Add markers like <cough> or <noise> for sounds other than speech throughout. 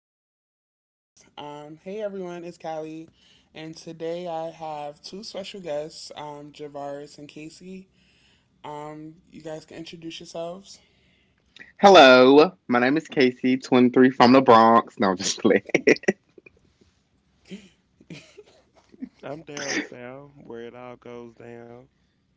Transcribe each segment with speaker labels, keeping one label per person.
Speaker 1: recording, guys. Hey everyone, it's Callie, and today I have two special guests, Javaris and Casey. You guys can introduce yourselves.
Speaker 2: Hello, my name is Casey, twin three from the Bronx. No, I'm just playing.
Speaker 3: I'm down south, where it all goes down.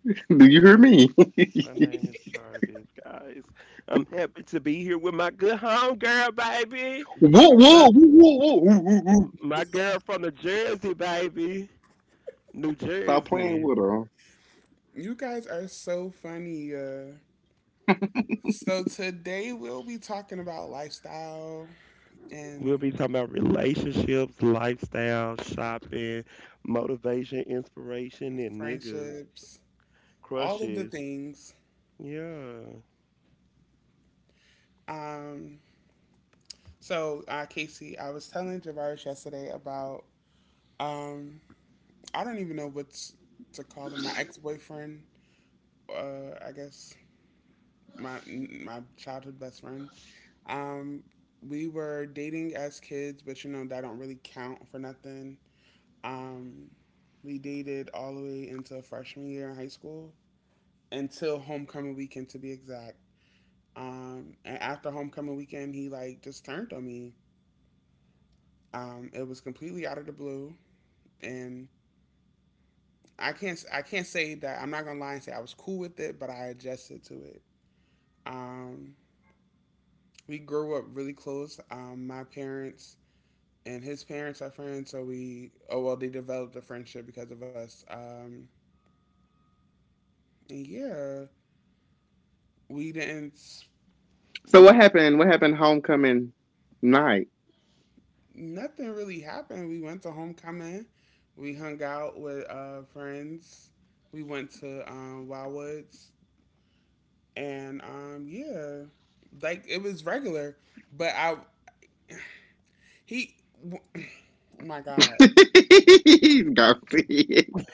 Speaker 2: <laughs> Do
Speaker 3: My
Speaker 2: you
Speaker 3: name
Speaker 2: hear me? <laughs> Whoa,
Speaker 3: my name is Jarvis, guys. I'm happy to be here with my good home girl, baby.
Speaker 2: whoa,
Speaker 3: My
Speaker 2: whoa, whoa, whoa, whoa, whoa.
Speaker 3: my girl from New Jersey, baby.
Speaker 2: Stop
Speaker 3: New
Speaker 2: playing with her.
Speaker 3: Jersey.
Speaker 1: You guys are so funny. So today we'll be talking about lifestyle
Speaker 3: We'll
Speaker 1: and
Speaker 3: be talking about relationships, lifestyle, shopping, motivation, inspiration, and niggas.
Speaker 1: friendships, all of the
Speaker 3: Crushes.
Speaker 1: things.
Speaker 3: Yeah.
Speaker 1: Um, so Casey, I was telling Javaris yesterday about um I don't even know what's to call him. My ex boyfriend, I guess my childhood best friend. Um, we were dating as kids, but you know that don't really count for nothing. Um, we dated all the way into freshman year in high school until homecoming weekend to be exact. And after homecoming weekend, he like just turned on me. It was completely out of the blue, and I can't say that I'm not gonna lie and say I was cool with it, but I adjusted to it. Um, we grew up really close. My parents and his parents are friends, so we oh well, they developed a friendship because of us. And yeah, we didn't
Speaker 2: So what
Speaker 1: we
Speaker 2: happened? What happened homecoming night?
Speaker 1: nothing really happened. We went to homecoming, we hung out with friends, we went to Wildwoods, and yeah, like it was regular. But he, <clears throat> oh my God.
Speaker 2: <laughs> Go see it.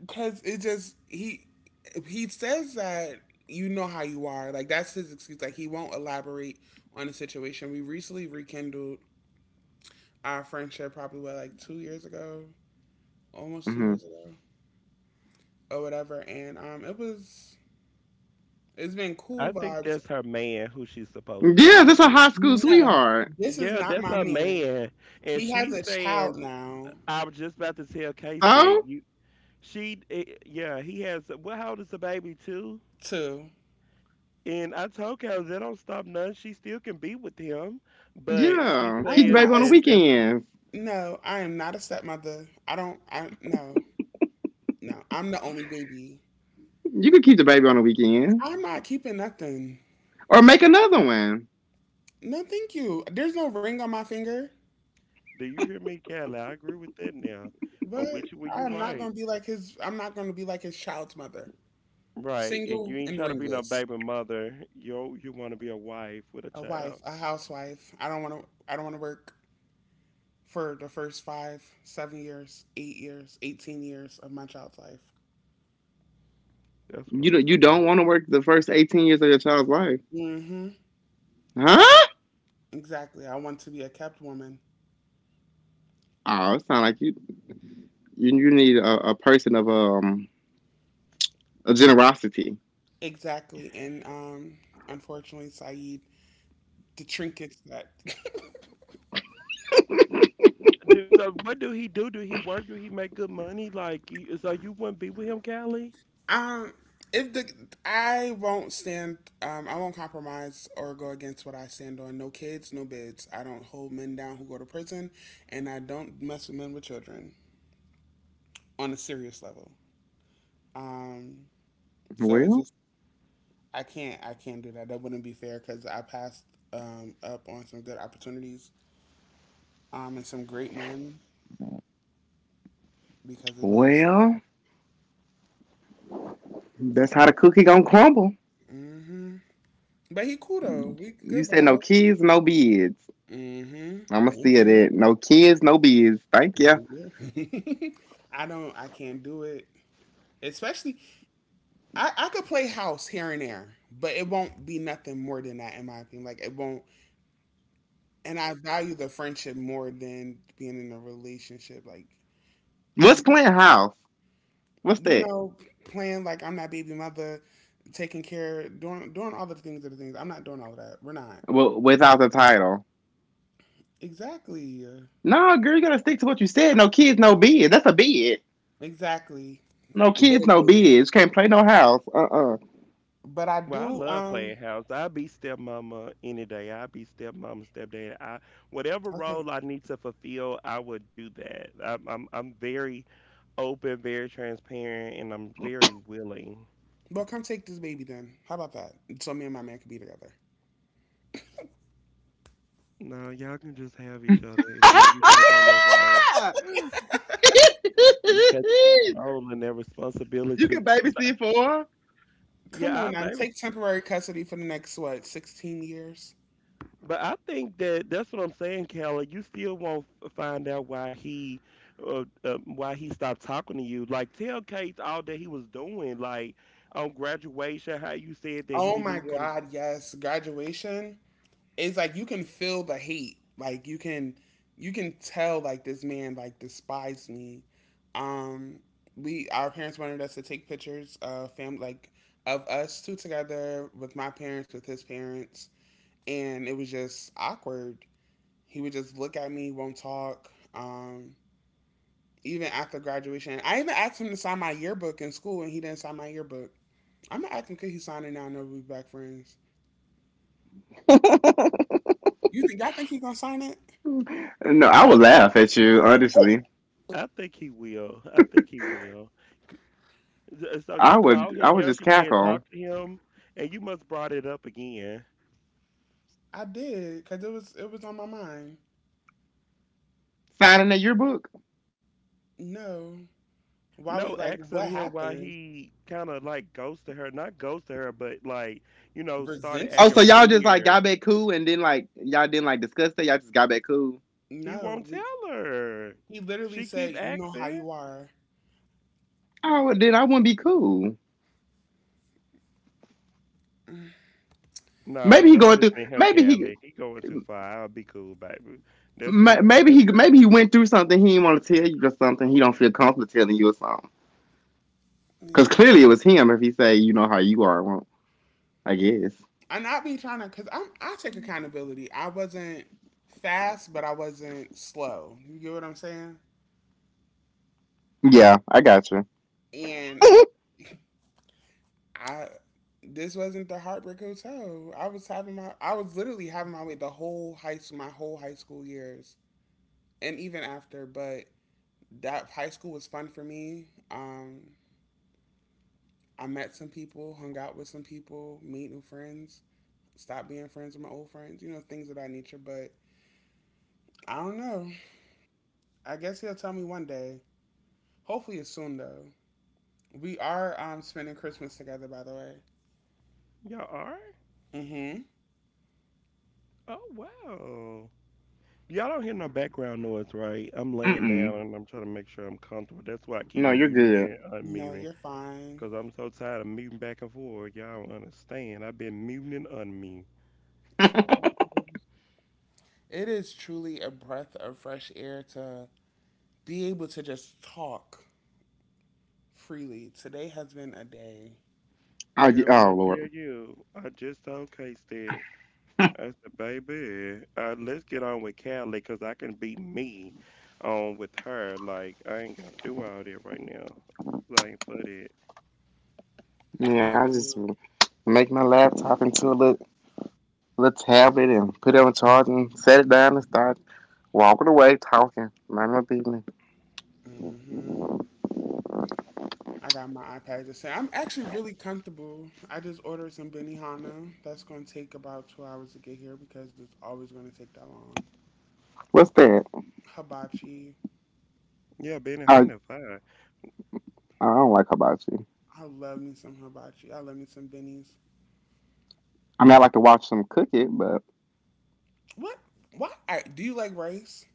Speaker 1: Because it just he says that you know how you are. Like that's his excuse. Like he won't elaborate on the situation. We recently rekindled our friendship probably what like 2 years ago, almost two
Speaker 2: Hmm.
Speaker 1: years ago or whatever. And it's been
Speaker 3: I
Speaker 1: cool
Speaker 3: think
Speaker 1: vibes.
Speaker 3: that's her man who she's supposed to
Speaker 2: Yeah,
Speaker 3: be
Speaker 2: that's a
Speaker 3: with.
Speaker 2: high school
Speaker 1: No,
Speaker 2: sweetheart.
Speaker 1: this is
Speaker 3: Yeah,
Speaker 1: not
Speaker 3: that's
Speaker 1: my
Speaker 3: her
Speaker 1: man.
Speaker 3: man, and
Speaker 1: He has
Speaker 3: she's
Speaker 1: a child
Speaker 3: saying,
Speaker 1: now
Speaker 3: "I was just about to tell Case that
Speaker 2: So
Speaker 3: you." She, yeah, he has. Well, how old is the baby too?
Speaker 1: too.
Speaker 3: And I told Case that don't stop none. She still can be with him, but she's
Speaker 2: yeah,
Speaker 1: I
Speaker 2: keep
Speaker 1: am
Speaker 2: the
Speaker 1: not.
Speaker 3: saying
Speaker 2: baby on the
Speaker 3: that that's.
Speaker 2: weekends.
Speaker 1: No, I am not a stepmother. I don't. I No, no. I'm the only baby.
Speaker 2: You can keep the baby on the weekends,
Speaker 1: I'm not keeping nothing.
Speaker 2: or make another one.
Speaker 1: No, thank you. There's no ring on my finger,
Speaker 3: Do you hear me, Callie? I agree with that now.
Speaker 1: but
Speaker 3: I'm with you when
Speaker 1: I
Speaker 3: you're
Speaker 1: am not going
Speaker 3: right,
Speaker 1: to be like his. I'm not going to be like his child's mother,
Speaker 3: right. And you
Speaker 1: single
Speaker 3: ain't
Speaker 1: and
Speaker 3: trying to be no
Speaker 1: ringless,
Speaker 3: baby mother. Yo, you want to be a wife with a
Speaker 1: a wife,
Speaker 3: child.
Speaker 1: a housewife. I don't want to. I don't want to work for the first five, 7 years, 8 years, 18 years of my child's life.
Speaker 3: That's
Speaker 2: You
Speaker 3: what I'm
Speaker 2: do you don't
Speaker 3: talking.
Speaker 2: want to work the first 18 years of your child's life,
Speaker 1: Mm-hmm.
Speaker 2: huh?
Speaker 1: Exactly. I want to be a kept woman.
Speaker 2: Oh, it sound like you need a person of a generosity.
Speaker 1: Exactly. And unfortunately, Saeed, the trinkets that <laughs>
Speaker 3: Do so. What do he do? Do he work? Do he make good money? Like so, you wouldn't be with him, Callie.
Speaker 1: Um, if the I won't stand, I won't compromise or go against what I stand on. No kids, no bids. I don't hold men down who go to prison, and I don't mess with men with children on a serious level. Um,
Speaker 2: <laughs>
Speaker 1: so it's
Speaker 2: well,
Speaker 1: just I can't do that. That wouldn't be fair because I passed up on some good opportunities, and some great men because of those.
Speaker 2: well, that's how the cookie gonna crumble.
Speaker 1: Hmm. But he cool though. We
Speaker 2: You
Speaker 1: good
Speaker 2: said no
Speaker 1: vibe.
Speaker 2: kids, no bids.
Speaker 1: Mm-hmm.
Speaker 2: I'ma
Speaker 1: Thank
Speaker 2: steal
Speaker 1: you.
Speaker 2: that. No kids, no bids. Thank
Speaker 1: <laughs>
Speaker 2: you.
Speaker 1: I don't. I can't do it. Especially, I could play house here and there, but it won't be nothing more than that in my opinion. Like it won't. And I value the friendship more than being in a relationship. Like if
Speaker 2: What's
Speaker 1: you
Speaker 2: Clint House? What's
Speaker 1: you
Speaker 2: that?
Speaker 1: know, playing like I'm that baby mother, taking care, doing all the things of the things. I'm not doing all of that. We're not
Speaker 2: Well, without the title.
Speaker 1: exactly uh,
Speaker 2: No, girl, you gotta stick to what you said. No kids, no bids. That's a bid.
Speaker 1: exactly
Speaker 2: No
Speaker 1: with
Speaker 2: kids,
Speaker 1: a
Speaker 2: no
Speaker 1: kid.
Speaker 2: bids. Can't play no house. Uh
Speaker 1: But I
Speaker 3: Well, I
Speaker 1: do.
Speaker 3: love playing house. I be stepmama any day. I be stepmama, stepdad. I whatever
Speaker 1: Okay.
Speaker 3: role I need to fulfill, I would do that. I'm very open, very transparent, and I'm very willing.
Speaker 1: Well, come take this baby then. How about that? So me and my man could be together.
Speaker 3: No, y'all can just have each other, and then you take on that role.
Speaker 2: <laughs>
Speaker 3: It's that role and that
Speaker 2: you
Speaker 3: responsibility.
Speaker 2: can
Speaker 3: <laughs> But I-
Speaker 2: babysit for
Speaker 1: Come
Speaker 3: yeah,
Speaker 1: on
Speaker 3: I
Speaker 1: now,
Speaker 3: babysit.
Speaker 1: take temporary custody for the next what, 16 years?
Speaker 3: But I think that that's what I'm saying, Kelly. You still won't find out why he stopped talking to you. Like tell Kate all that he was doing, like on graduation, how you said that he
Speaker 1: Oh
Speaker 3: didn't
Speaker 1: my
Speaker 3: even want to.
Speaker 1: God, yes. Graduation is like you can feel the hate. Like you can tell like this man like despised me. Um, we Our parents wanted us to take pictures of fam like of us two together with my parents with his parents, and it was just awkward. He would just look at me, won't talk. Um, Even after graduation, I even asked him to sign my yearbook in school, and he didn't sign my yearbook. I'm not asking could he sign it now. No, we back friends.
Speaker 2: her. <laughs>
Speaker 1: You think Y'all think he gonna sign it?
Speaker 2: No, I
Speaker 3: I
Speaker 2: would
Speaker 3: think,
Speaker 2: laugh at you,
Speaker 1: Oh,
Speaker 2: honestly.
Speaker 3: I think he will. I think he will. So you
Speaker 2: I would
Speaker 3: called
Speaker 2: I
Speaker 3: him
Speaker 2: would just
Speaker 3: yesterday and
Speaker 2: cackle.
Speaker 3: talked to him, and you must brought it up again.
Speaker 1: I did because it was on my mind.
Speaker 2: Signing a yearbook.
Speaker 1: No, why we
Speaker 3: No,
Speaker 1: like
Speaker 3: ask
Speaker 1: what
Speaker 3: him why
Speaker 1: happened?
Speaker 3: he kind of like ghosted her, not ghosted her, but like you know started
Speaker 1: Resented
Speaker 2: Oh, so
Speaker 3: acting
Speaker 1: me?
Speaker 2: y'all just like
Speaker 3: weird.
Speaker 2: got back cool and then like y'all didn't like discuss that, y'all just got back cool.
Speaker 3: He
Speaker 1: No,
Speaker 3: won't tell her.
Speaker 1: he literally
Speaker 3: She keep
Speaker 1: said, "You know how
Speaker 3: asking.
Speaker 1: you are."
Speaker 2: Oh well, then I wouldn't be cool.
Speaker 3: No,
Speaker 2: Maybe he
Speaker 3: don't
Speaker 2: going through
Speaker 3: listen to him,
Speaker 2: maybe he
Speaker 3: Callie. He going too far. I'll be cool, baby. That's the
Speaker 2: ma-
Speaker 3: l-
Speaker 2: maybe he
Speaker 3: that's
Speaker 2: maybe he went through something he didn't want to tell you or something he don't feel comfortable telling you or something. Cause
Speaker 1: Yeah,
Speaker 2: clearly it was him if he say you know how you are, well, I guess.
Speaker 1: and I be trying to because I take accountability. I wasn't fast, but I wasn't slow. You get what I'm saying?
Speaker 2: Yeah, I got you.
Speaker 1: And
Speaker 2: <laughs>
Speaker 1: I this wasn't the Heartbreak Hotel. I was literally having my way the whole high school my whole high school years and even after, but that high school was fun for me. I met some people, hung out with some people, made new friends, stopped being friends with my old friends, things of that nature. But I don't know. I guess he'll tell me one day. Hopefully it's soon though. We are spending Christmas together by the way.
Speaker 3: Y'all are.
Speaker 1: Mm-hmm.
Speaker 3: Oh wow. Y'all don't hear no background noise, right? I'm
Speaker 2: Mm
Speaker 3: laying down
Speaker 2: mm.
Speaker 3: and I'm trying to make sure I'm comfortable. That's why I keep
Speaker 2: No, you're
Speaker 3: muting
Speaker 2: good.
Speaker 3: and
Speaker 1: No, you're
Speaker 3: unmuting
Speaker 1: fine.
Speaker 3: because I'm so tired of muting back and forth. Y'all don't understand. I've been muting and unmuting.
Speaker 1: Child.
Speaker 2: <laughs>
Speaker 1: It is truly a breath of fresh air to be able to just talk freely. Today
Speaker 2: Oh,
Speaker 1: has
Speaker 2: ye-
Speaker 1: been a
Speaker 2: oh
Speaker 1: day.
Speaker 2: Lord.
Speaker 3: Girl, when I tell you, I just told K-Stat. I said, baby, let's get on with Callie because I can be me on with her. Like, I ain't got to do all that right now. I ain't put it.
Speaker 1: I,
Speaker 2: Yeah, I just make my laptop into a little, little tablet and put it on charge and set it down and start walking away talking. Mind my business.
Speaker 1: um, hmm I got my iPad just saying. I'm actually really comfortable. I just ordered some Benihana. That's going to take about 2 hours to get here because it's always going to take that long.
Speaker 2: What's that?
Speaker 1: Hibachi.
Speaker 3: Yeah, Benny
Speaker 2: I
Speaker 3: Hunter, fine.
Speaker 2: I don't like hibachi.
Speaker 1: I love me some hibachi. I love me some bennies.
Speaker 2: I mean, I like to watch them cook it, but
Speaker 1: What? Why? Do you like rice?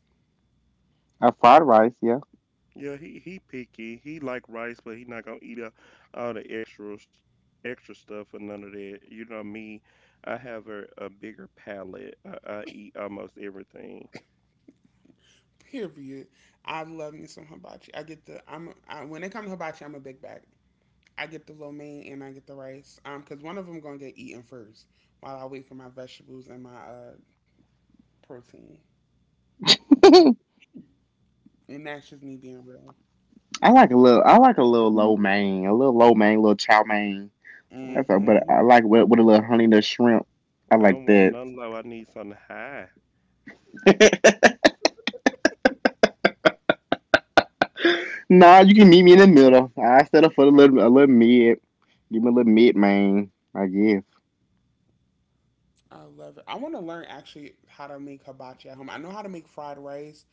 Speaker 2: a fried rice, yeah.
Speaker 3: Yeah, he picky. He like rice, but he not going to eat up all the extra stuff or none of that. You know me, I have a bigger palate. I eat almost everything.
Speaker 1: Period. I love me some hibachi. I get the. I'm. I, When it comes to hibachi, I'm a big bag. I get the lo mein and I get the rice. Cause one of them gonna get eaten first while I wait for my vegetables and my protein.
Speaker 2: <laughs> I
Speaker 1: And that's just me being real.
Speaker 2: like a little. I like a little lo mein, a little lo mein, a little chow mein. That's a,
Speaker 3: Mm-mm.
Speaker 2: but
Speaker 1: Mhm.
Speaker 2: I like with a little honey nut shrimp. I
Speaker 3: I
Speaker 2: like
Speaker 3: don't want
Speaker 2: that.
Speaker 3: none low. I need something high.
Speaker 2: <laughs> Nah, you can meet me in the middle. I set up for a little mid. Give me a little mid mein, I guess.
Speaker 1: I love it. I want to learn actually how to make hibachi at home. I know how to make fried rice.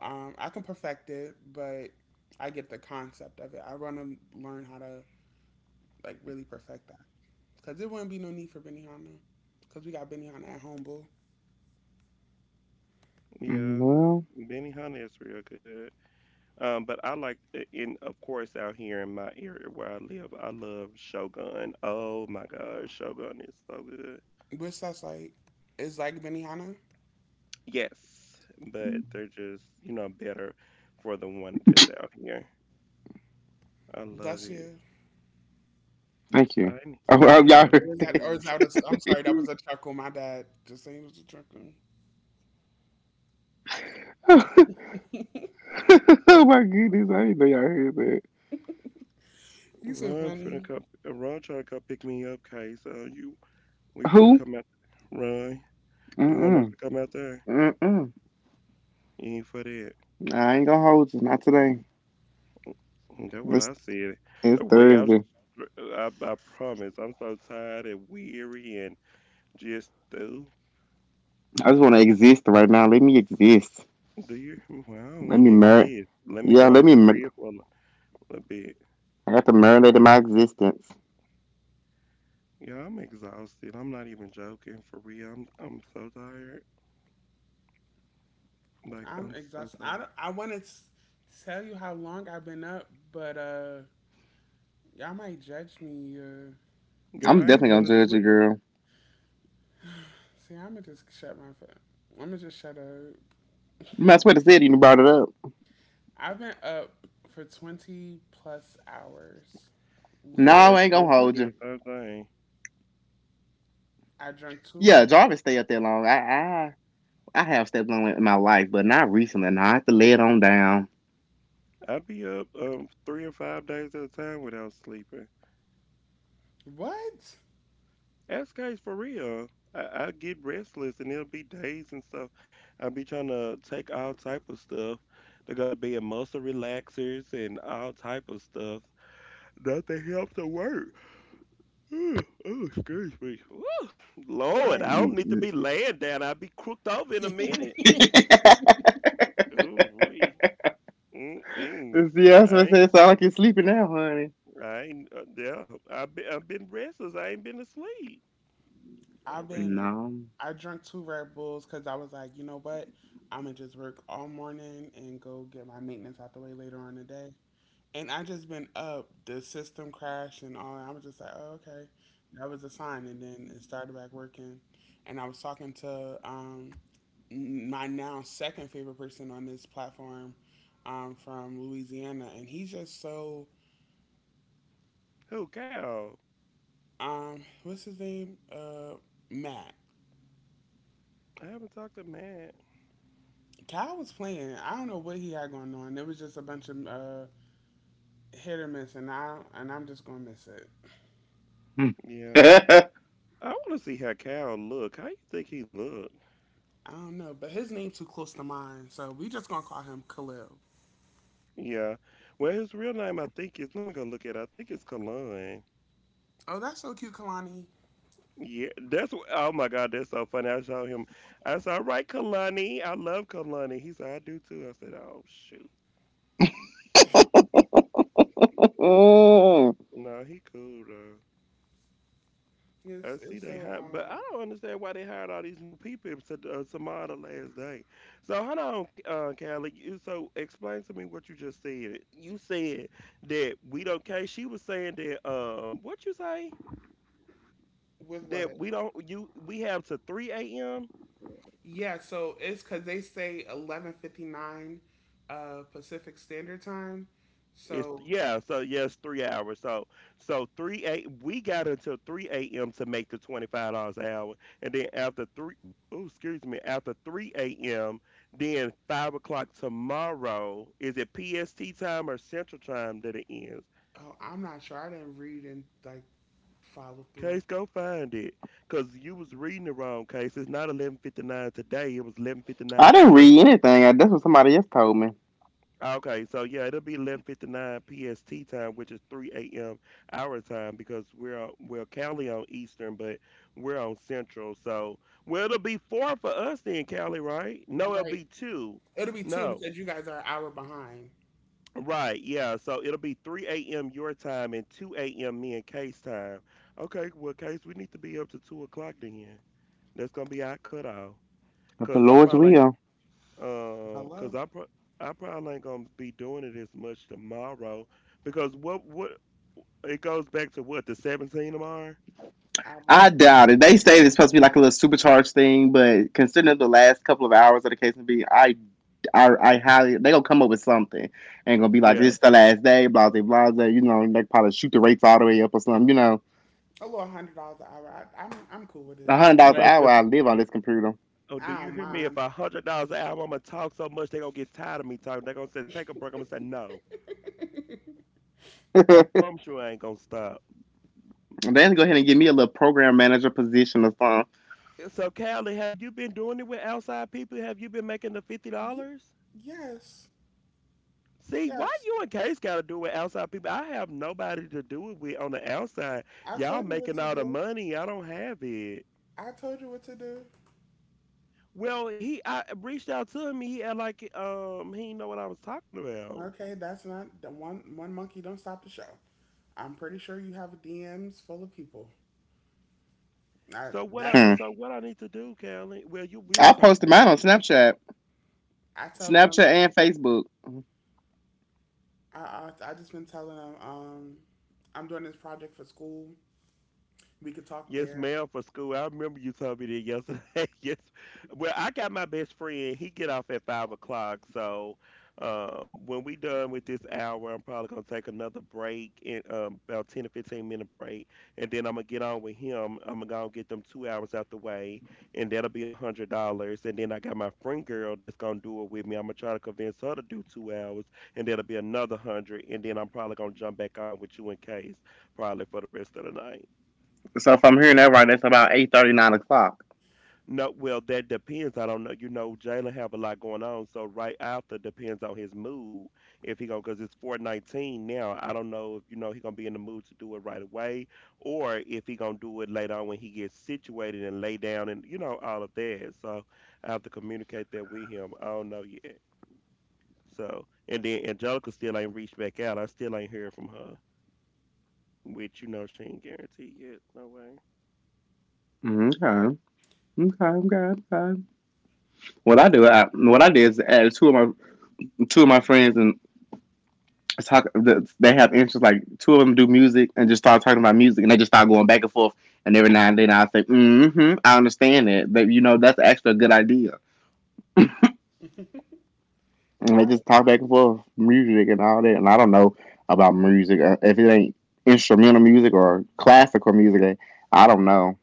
Speaker 1: I can perfect it, but I get the concept of it. I want to learn how to like really perfect that because there wouldn't be no need for Benihana because we got Benihana at home, boo.
Speaker 2: Mm,
Speaker 3: Yeah,
Speaker 2: well,
Speaker 3: Benny Hunter is real good. But I like, eh, in of course, out here in my area where I live, I love Shogun. Oh my God, Shogun is so good.
Speaker 1: What's that's like? It's like Benihana.
Speaker 3: Yes, but they're just, better for the one that's out here. I love
Speaker 1: Bless
Speaker 3: it.
Speaker 1: you.
Speaker 2: thank you. <laughs> Oh,
Speaker 3: I
Speaker 2: oh,
Speaker 3: ain't know
Speaker 2: y'all
Speaker 3: he's
Speaker 1: Or
Speaker 3: sweetie.
Speaker 1: is that was, I'm sorry, that was a chuckle. My bad. Just saying it was a chuckle.
Speaker 2: heard. <laughs> Oh my goodness, I didn't know y'all heard that.
Speaker 1: You so
Speaker 3: Ron finna
Speaker 1: funny.
Speaker 3: come. Ron trying to come pick me up, Case. You, we finna
Speaker 2: Who?
Speaker 3: come out. Ron, you want us to
Speaker 2: Mm-mm.
Speaker 3: come out there?
Speaker 2: Mm-mm.
Speaker 3: You ain't for that.
Speaker 2: Nah, I ain't gonna hold you. Not today.
Speaker 3: That's what
Speaker 2: It's,
Speaker 3: I said.
Speaker 2: it's
Speaker 3: The way I'm,
Speaker 2: Thursday.
Speaker 3: str- I promise, I'm so tired and weary and just, oh,
Speaker 2: I just want to exist right now. Let me exist.
Speaker 3: do you? <laughs> Well, I don't
Speaker 2: Let
Speaker 3: want
Speaker 2: me
Speaker 3: to
Speaker 2: mer.
Speaker 3: exist. Let me
Speaker 2: Yeah,
Speaker 3: go off
Speaker 2: let
Speaker 3: the
Speaker 2: me. Mer-
Speaker 3: grid for a little bit.
Speaker 2: I got to marinate in my existence.
Speaker 3: Yeah, I'm exhausted. I'm not even joking. For real, I'm so tired. Like,
Speaker 1: I'm
Speaker 3: I'm so
Speaker 1: exhausted. I,
Speaker 3: tired.
Speaker 1: don't- I want to tell you how long I've been up, but y'all might judge me. Uh,
Speaker 3: Girl,
Speaker 2: I'm
Speaker 3: I
Speaker 2: definitely
Speaker 3: ain't
Speaker 2: gonna
Speaker 3: been
Speaker 2: judge you,
Speaker 3: asleep.
Speaker 2: girl.
Speaker 1: see, I'm going to just shut my phone. I'm going to just shut up.
Speaker 2: You might as well have said it, you brought it up.
Speaker 1: I've been up for 20 plus hours.
Speaker 3: You
Speaker 2: No,
Speaker 3: better ask
Speaker 2: I ain't
Speaker 1: Literally.
Speaker 2: gonna
Speaker 3: Trace. I
Speaker 2: hold
Speaker 3: do
Speaker 2: you.
Speaker 3: the same thing.
Speaker 1: I drank two
Speaker 2: Yeah,
Speaker 1: Red Bulls.
Speaker 2: Jarvis stay up there long. I have stepped on it in my life, but not recently. Now I have to lay it on down.
Speaker 3: I be up 3 or 5 days at a time without sleeping.
Speaker 1: What?
Speaker 3: That's guys for real. I, I get restless, and there'll be days and stuff. I be trying to take all type of stuff. They gotta be a muscle relaxers and all type of stuff. Nothing helps to work. Ooh, ooh, excuse me. Ooh, Lord,
Speaker 1: I'm,
Speaker 3: I don't need to be
Speaker 2: <laughs>
Speaker 3: laying down. I'll be crooked over in a minute. Ooh, we. Mm-mm.
Speaker 2: Yeah, so
Speaker 3: I
Speaker 2: it
Speaker 3: ain't,
Speaker 2: sounds like you're sleeping now, honey.
Speaker 3: I ain't, yeah, I've been restless. I ain't been asleep. I
Speaker 1: I've been
Speaker 3: reckon.
Speaker 2: No.
Speaker 1: I drank two Red Bulls because I was like, you know what? I'm gonna just work all morning and go get my maintenance out the way later on in the day. And I just been up, the system crashed and all. I was just like, oh, okay, that was a sign. And then it started back working. And I was talking to my now second favorite person on this platform from Louisiana, and he's just so
Speaker 3: Who, Kyle?
Speaker 1: what's his name? Matt.
Speaker 3: I haven't talked to Matt.
Speaker 1: Kyle was playing. I don't know what he had going on. It was just a bunch of hit or miss, and I'm just gonna miss it.
Speaker 3: Yeah.
Speaker 2: <laughs>
Speaker 3: I want to see how Cal look. How you think he look?
Speaker 1: I don't know, but his name too close to mine, so we just gonna call him Khalil.
Speaker 3: Yeah. Well, his real name, I think is. Let me go look at it. I think it's Kalani.
Speaker 1: Oh, that's so cute, Kalani.
Speaker 3: Yeah, oh my God, that's so funny. I saw him. I said, "All right, Kalani. I love Kalani." He said, "I do too." I said, "Oh shoot, no, he cool though."
Speaker 1: Yes.
Speaker 3: I see
Speaker 1: it's
Speaker 3: they
Speaker 1: so
Speaker 3: hired, but I don't understand why they hired all these new people to Samara last day. So hold on, Callie. So explain to me what you just said. You said that we don't care. She was saying that what you say,
Speaker 1: With
Speaker 3: that
Speaker 1: what?
Speaker 3: we don't you we have to three a.m.
Speaker 1: Yeah, so it's because they say 11:59, Pacific Standard Time.
Speaker 3: It's
Speaker 1: So
Speaker 3: yeah, so yes, 3 hours. So three a. we got until three AM to make the $25 an hour. And then after three, oh excuse me, after three AM, then 5 o'clock tomorrow, is it PST time or central time that it ends?
Speaker 1: oh, I'm not sure. I didn't read and like follow through.
Speaker 3: Case, go find it. Cause you was reading the wrong case. It's not 11:59 today, it was 11:59.
Speaker 2: I didn't read anything. That's what somebody else told me.
Speaker 3: Okay, so yeah, it'll be 11:59 PST time, which is 3 a.m. our time because we're Cali on Eastern, but we're on Central. So, well, it'll be four for us then, Cali, right? No, it'll
Speaker 1: Right,
Speaker 3: be two.
Speaker 1: it'll be two
Speaker 3: No,
Speaker 1: because you guys are an hour behind.
Speaker 3: right? Yeah, so it'll be 3 a.m. your time and 2 a.m. me and Case time. Okay, well, Case, we need to be up to 2 o'clock then. That's gonna be our cutoff.
Speaker 2: If the
Speaker 3: Cause I
Speaker 2: Lord's
Speaker 3: probably
Speaker 2: will.
Speaker 3: because
Speaker 1: Hello,
Speaker 3: I pro- I probably ain't gonna be doing it as much tomorrow because what it goes back to what the 17 tomorrow.
Speaker 1: I
Speaker 2: I
Speaker 1: believe
Speaker 2: doubt it. They say it's supposed to be like a little supercharged thing, but considering the last couple of hours of the case may be, I highly they gonna come up with something and gonna be like
Speaker 3: Yeah,
Speaker 2: this is the last day, blah blah blah blah. You know, they probably shoot the rates all the way up or something. You know,
Speaker 1: a little $100 an hour. I'm cool with
Speaker 2: a
Speaker 1: it.
Speaker 2: hundred dollars an
Speaker 3: man.
Speaker 2: hour.
Speaker 3: If
Speaker 2: I
Speaker 3: it's,
Speaker 2: live on this computer.
Speaker 3: Oh, do
Speaker 1: I don't
Speaker 3: you hear me?
Speaker 1: mind.
Speaker 3: If $100 an hour, I'm gonna talk so much they gonna get tired of me talking. They gonna say take a break. I'm gonna say no.
Speaker 2: <laughs>
Speaker 3: I
Speaker 2: They
Speaker 3: promise you, I ain't gonna stop.
Speaker 2: gonna go ahead and give me a little program manager position or something.
Speaker 3: So, Callie, have you been doing it with outside people? Have you been making the fifty
Speaker 1: Y-
Speaker 3: dollars?
Speaker 1: yes,
Speaker 3: See, why
Speaker 1: yes.
Speaker 3: you and Case gotta do it with outside people? I have nobody to do it with on the outside.
Speaker 1: I
Speaker 3: Y'all
Speaker 1: told you what
Speaker 3: making
Speaker 1: to
Speaker 3: all the
Speaker 1: do.
Speaker 3: money. I don't have it.
Speaker 1: I told you what to do.
Speaker 3: Well, he I reached out to him. He act like he didn't know what I was talking about.
Speaker 1: Okay, that's not the one. One monkey don't stop the show. I'm pretty sure you have DMs full of people. I
Speaker 3: So what
Speaker 1: that's
Speaker 3: I
Speaker 2: Hmm.
Speaker 3: so what I need to do, Callie? Well, you will
Speaker 2: I
Speaker 3: talk
Speaker 2: posted mine
Speaker 3: about
Speaker 2: on
Speaker 3: it.
Speaker 2: Snapchat,
Speaker 1: I tell them.
Speaker 2: Snapchat and Facebook.
Speaker 1: I just been telling them. I'm doing this project for school. We could talk
Speaker 3: Yes,
Speaker 1: there.
Speaker 3: ma'am, for school. I remember you told me that yesterday. <laughs> Yes. Well, I got my best friend. He get off at 5 o'clock. So when we done with this hour, I'm probably gonna take another break and about 10 or 15 minute break, and then I'm gonna get on with him. I'm gonna get them 2 hours out the way, and that'll be $100. And then I got my friend girl that's gonna do it with me. I'm gonna try to convince her to do 2 hours, and that'll be another hundred. And then I'm probably gonna jump back on with you and Case probably for the rest of the night.
Speaker 2: So if I'm hearing that right, that's about 8:30, 9 o'clock.
Speaker 3: No, well, that depends. I don't know. You know, Jalen have a lot going on, so right after depends on his mood. If he gonna, cause it's 4:19 now. I don't know if you know he gonna be in the mood to do it right away, or if he gonna do it later on when he gets situated and lay down and you know all of that. So I have to communicate that with him. I don't know yet. So and then Angelica still ain't reached back out. I still ain't heard from her, which you know she ain't guaranteed yet. No way.
Speaker 2: Okay. Okay, okay, okay. What I did is add two of my friends and talk. They have interests. Like two of them do music and just start talking about music, and they just start going back and forth. And every now and then, I say, "Mm-hmm, I understand that, but you know, that's actually a good idea."
Speaker 1: <laughs>
Speaker 2: And
Speaker 1: I
Speaker 2: they
Speaker 1: don't
Speaker 2: just talk back and
Speaker 1: mind.
Speaker 2: forth music and all that. And I don't know about music if it ain't instrumental music or classical music. I don't know.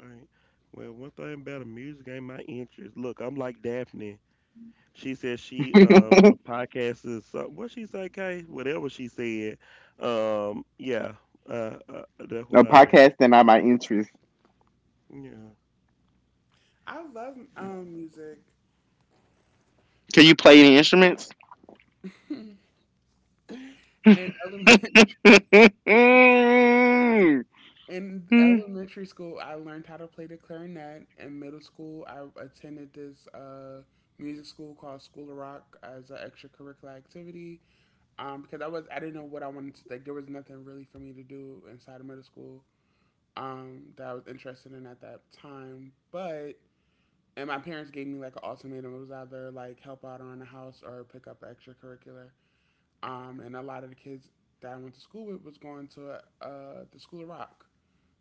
Speaker 3: Right. Well, one thing about the music ain't my interest. Look, I'm like Daphne. She said
Speaker 2: <laughs>
Speaker 3: she
Speaker 2: A
Speaker 3: a podcast is something. What she say, Kay? Whatever she said. Yeah. Uh, uh, that's what I do.
Speaker 2: podcast that not my interest.
Speaker 3: Yeah.
Speaker 1: I love music.
Speaker 2: Can you play any instruments?
Speaker 1: And element, <laughs>
Speaker 2: <laughs>
Speaker 1: In elementary school, I learned how to play the clarinet. In middle school, I attended this music school called School of Rock as an extracurricular activity, because I didn't know what I wanted to like. There was nothing really for me to do inside of middle school, that I was interested in at that time. But and my parents gave me like an ultimatum. It was either like help out around the house or pick up extracurricular. And a lot of the kids that I went to school with was going to the School of Rock.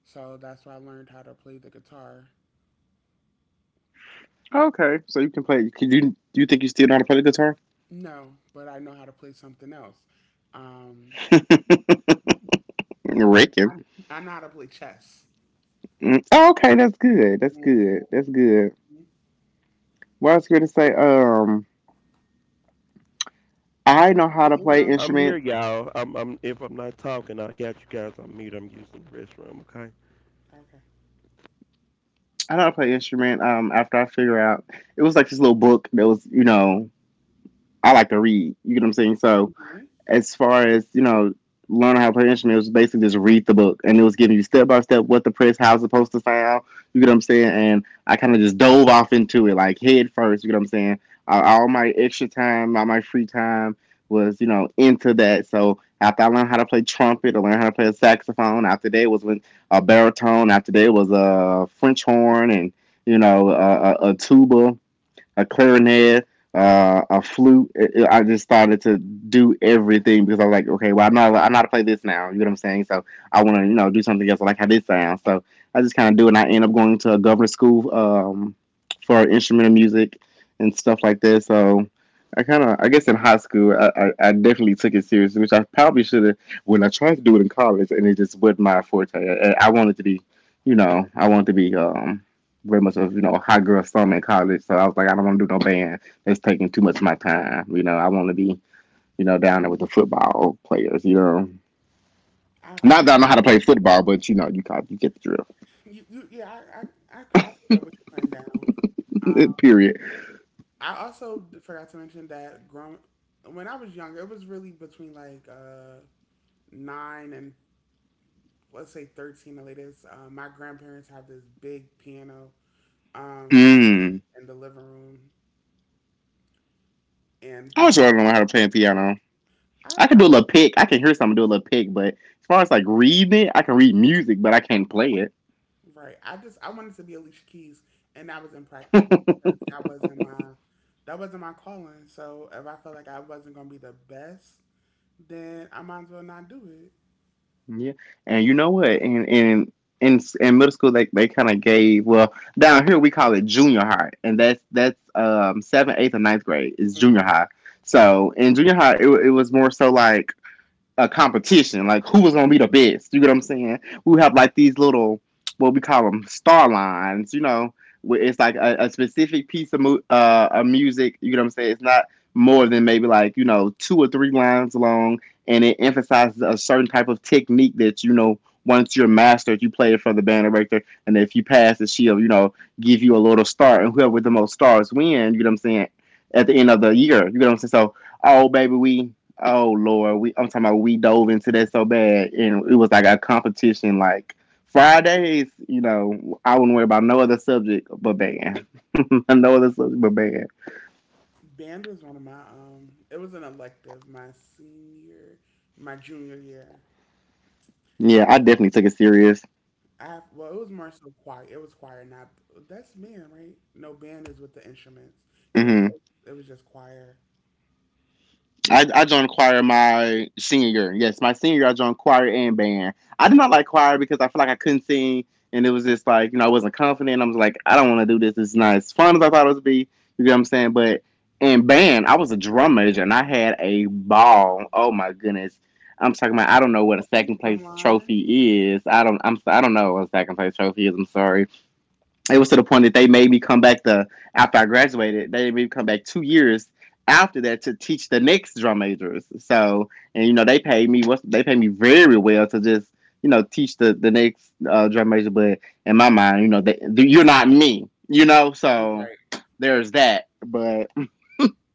Speaker 1: So that's where I learned how to play the guitar.
Speaker 2: Okay, so you can play. Can you? Do you think you still know how to play the guitar?
Speaker 1: No, but I know how to play something else. Um,
Speaker 2: <laughs> Reckon.
Speaker 1: I know how to play chess.
Speaker 2: Mm, oh, okay, that's good. That's good. That's
Speaker 1: Hmm.
Speaker 2: good. What I was going to say,
Speaker 1: And
Speaker 2: I
Speaker 1: I
Speaker 2: know
Speaker 1: can
Speaker 2: how
Speaker 1: play,
Speaker 2: to
Speaker 1: you
Speaker 2: play
Speaker 1: know.
Speaker 3: I'm here,
Speaker 2: instruments.
Speaker 3: y'all. I'm, I'm. If I'm not talking, I got you guys on mute. I'm using the restroom. Okay.
Speaker 1: Okay.
Speaker 2: I know how to play an instrument. After I figure out, it was like this little book that was, you know, I like to read. You get what I'm saying? So
Speaker 1: hmm
Speaker 2: as far as learning how to play an instrument, it was basically just read the book, and it was giving you step by step what the press how it's supposed to sound. You get what I'm saying? And I kind of just dove off into it like head first. You get what I'm saying? All my free time was into that. So after I learned how to play trumpet, I learned how to play a saxophone. After that was when a baritone. After that was a french horn and a tuba, a clarinet, a flute. Just started to do everything because I was like, okay, well, I'm not to play this now. You know what I'm saying? So I want to, you know, do something else. I like how this sounds. So I just kind of do it. And I end up going to a governor's school for instrumental music and stuff like that. So I kind of, I guess in high school, I definitely took it seriously, which I probably should have when I tried to do it in college and it just wasn't my forte. I wanted to be, I wanted to be very much of a hot girl summer in college. So I was like, I don't want to do no band. That's taking too much of my time. You know, I want to be down there with the football players. You know,
Speaker 1: I
Speaker 2: not
Speaker 1: feel
Speaker 2: that I know how to play football, but you know, you get the
Speaker 1: you. I pick up what you're putting down. Um,
Speaker 2: drift. <laughs> Period.
Speaker 1: I also forgot to mention that when I was younger, it was really between like nine and let's say 13 the latest. My grandparents have this big piano um,
Speaker 2: Mm.
Speaker 1: in the living room and
Speaker 2: I wish I don't know how to play piano. I can do
Speaker 1: I
Speaker 2: a little pick. I can hear something do a little pick, but as far as like reading it, I can read music, but I can't play
Speaker 1: right. I just I wanted to be Alicia Keys, and that was impractical
Speaker 2: it. <laughs>
Speaker 1: because that wasn't my calling. So if I felt like I wasn't gonna be the best, then I might as well not do it.
Speaker 2: Yeah, and you know what? And in middle school, they kind of gave well, down here we call it junior high, and that's seventh, eighth, and ninth grade is junior
Speaker 1: Hmm.
Speaker 2: high. So in junior high, it was more so like a competition, like who was gonna be the best. You get what I'm saying? We have like these little, what we call them, star lines. You know, where it's like a specific piece of of music. You get what I'm saying? It's not more than maybe like two or three lines long, and it emphasizes a certain type of technique that you know. Once you're mastered, you play it for the band director, and if you pass it, she'll give you a little star, and whoever with the most stars win. You know what I'm saying? At the end of the year, you know what I'm saying? So, oh baby, we Oh Lord, we I'm talking about we dove into that so bad, and it was like a competition. Like Fridays, you know, I wouldn't worry about no other subject but band, <laughs> no other subject but band.
Speaker 1: Band was one of my It was an elective my junior year. I have,
Speaker 2: Yeah, I definitely took it serious.
Speaker 1: I have well, it was more so choir. It was choir, not That's band, right? No, band is with the instruments. Yeah,
Speaker 2: Mhm.
Speaker 1: it was just choir.
Speaker 2: I joined choir my senior year. Yes, my senior year I joined choir and band. I did not like choir because I feel like I couldn't sing and it was just like, you know, I wasn't confident. I was like, I don't want to do this. It's not as fun as I thought it would be. You get what I'm saying? But in band, I was a drum major and I had a ball. Oh my goodness. I'm talking about I don't know what a
Speaker 1: Okay,
Speaker 2: second place
Speaker 1: drumline.
Speaker 2: trophy is. I don't know what a second place trophy is. I'm sorry it was to the point that they made me come back the after I graduated, they made me come back 2 years after that to teach the next drum majors. So and you know they paid me what they paid me very well to just teach the next drum major. But in my mind, you know that you're not me, you know. So
Speaker 1: Right.
Speaker 2: there's that. But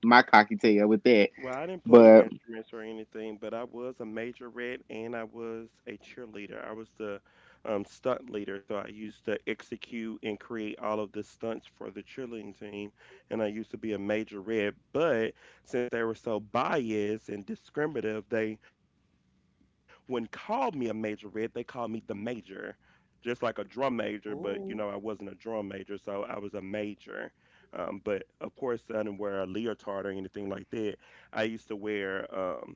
Speaker 2: my cocky tail with that.
Speaker 3: Well, I didn't play
Speaker 2: But
Speaker 3: instruments or anything, but I was a majorette and I was a cheerleader. I was the stunt leader, so I used to execute and create all of the stunts for the cheerleading team. And I used to be a majorette, but since they were so biased and discriminative, they wouldn't call me a majorette. They called me the major just like a drum major, but you know, I wasn't
Speaker 1: Ooh.
Speaker 3: a drum major, so I was a major. But of course, I didn't wear a leotard or anything like that. I used to wear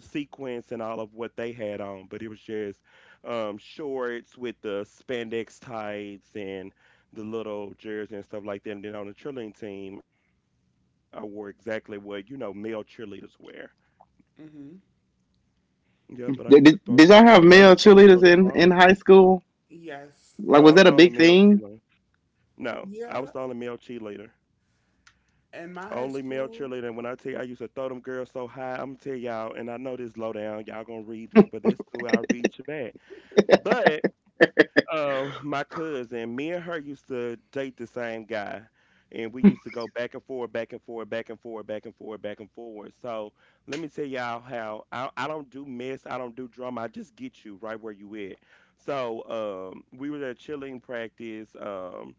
Speaker 3: sequins and all of what they had on, but it was just shorts with the spandex tights and the little jersey and stuff like that. And then on the cheerleading team, I wore exactly what male cheerleaders wear.
Speaker 1: Mm-hmm.
Speaker 3: Yeah, but I used to throw them
Speaker 2: did,
Speaker 3: girls.
Speaker 2: did,
Speaker 3: I
Speaker 2: did
Speaker 3: used
Speaker 2: y'all
Speaker 3: to be
Speaker 2: have
Speaker 3: so
Speaker 2: male
Speaker 3: strong.
Speaker 2: cheerleaders in high school?
Speaker 3: No, I
Speaker 1: Yes.
Speaker 3: was
Speaker 2: Like
Speaker 3: on a
Speaker 2: was that a
Speaker 3: male
Speaker 2: big
Speaker 3: cheerleader.
Speaker 2: thing?
Speaker 3: No, I was the
Speaker 1: Yeah.
Speaker 3: only male cheerleader.
Speaker 1: In my high
Speaker 3: Only male
Speaker 1: school,
Speaker 3: cheerleader. And when I tell you I used to throw them girls so high, I'm gonna tell y'all, and I know this low down, y'all gonna read me, but this cool, I'll read you back. But my cousin, me and her used to date the same guy. And we used to go back and forth, back and forth, back and forth, back and forth, back and forth. So let me tell y'all how I don't do mess, I don't do drama, I just get you right where you at. So we were at chilling practice.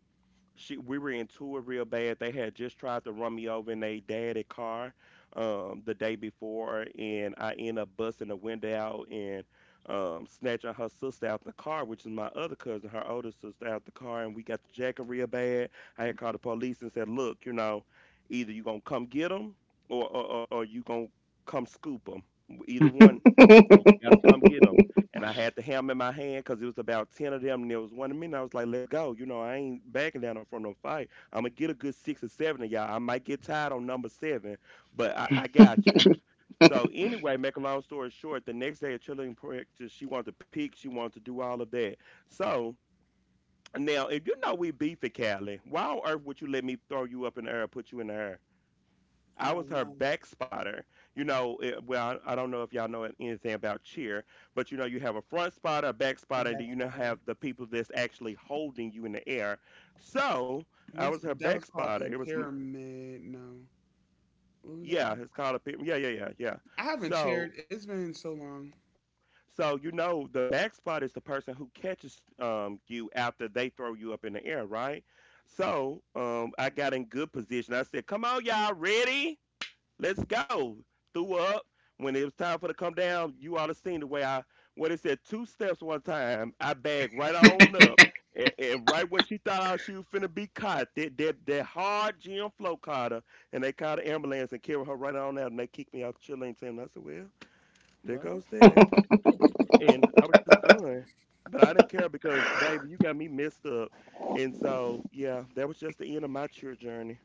Speaker 3: She we were into it real bad. They had just tried to run me over in a daddy car the day before, and I end up busting the window out and snatching her sister out the car, which is my other cousin, her older sister out the car, and we got the jacket real bad. I had called the police and said, "Look, either you gonna come get them, or you gonna come scoop them. Either one, you gotta come get them." And I had the hammer in my hand because it was about 10 of them, and there was one of me, and I was like, "Let's go!" You know, I ain't backing down from no fight. I'm gonna get a good six or seven of y'all. I might get tired on number seven, but I got you. So anyway, make a long story short, the next day at cheerleading practice, she wanted to peek, she wanted to do all of that. So now, if you know we beef at Cali, why on earth would you let me throw you up in the air, put you in the air?
Speaker 1: I
Speaker 3: I was
Speaker 1: don't
Speaker 3: her
Speaker 1: know
Speaker 3: back spotter. You know, well, I don't know if y'all know anything about cheer, but you have a front spotter, a back
Speaker 1: what
Speaker 3: spotter, and
Speaker 1: that's
Speaker 3: then you now
Speaker 1: called.
Speaker 3: have the people that's actually holding you in the air. So I
Speaker 1: What's
Speaker 3: was her
Speaker 1: that
Speaker 3: back
Speaker 1: was called
Speaker 3: spotter.
Speaker 1: the pyramid? No. What was it
Speaker 3: Yeah,
Speaker 1: called?
Speaker 3: it's called a, yeah, yeah, yeah, yeah.
Speaker 1: I haven't chaired.
Speaker 3: So,
Speaker 1: It's been so long.
Speaker 3: so, the back spot is the person who catches you after they throw you up in the air, right? So I got in good position. I said, "Come on, y'all, ready? Let's go." Threw up. When it was time for to come down, you ought to seen the way I when it said two steps one time, I bagged right on up. And right when she thought she was finna be caught, that that hard gym flo caught her, and they called the ambulance and carried her right on out, and they kicked me out the chill lane team. And I said, "Well, there
Speaker 1: Well,
Speaker 3: goes that," and I
Speaker 2: <laughs>
Speaker 3: was just done. But I didn't care because, baby, you got me messed up, and so yeah, that was just the end of my cheer journey.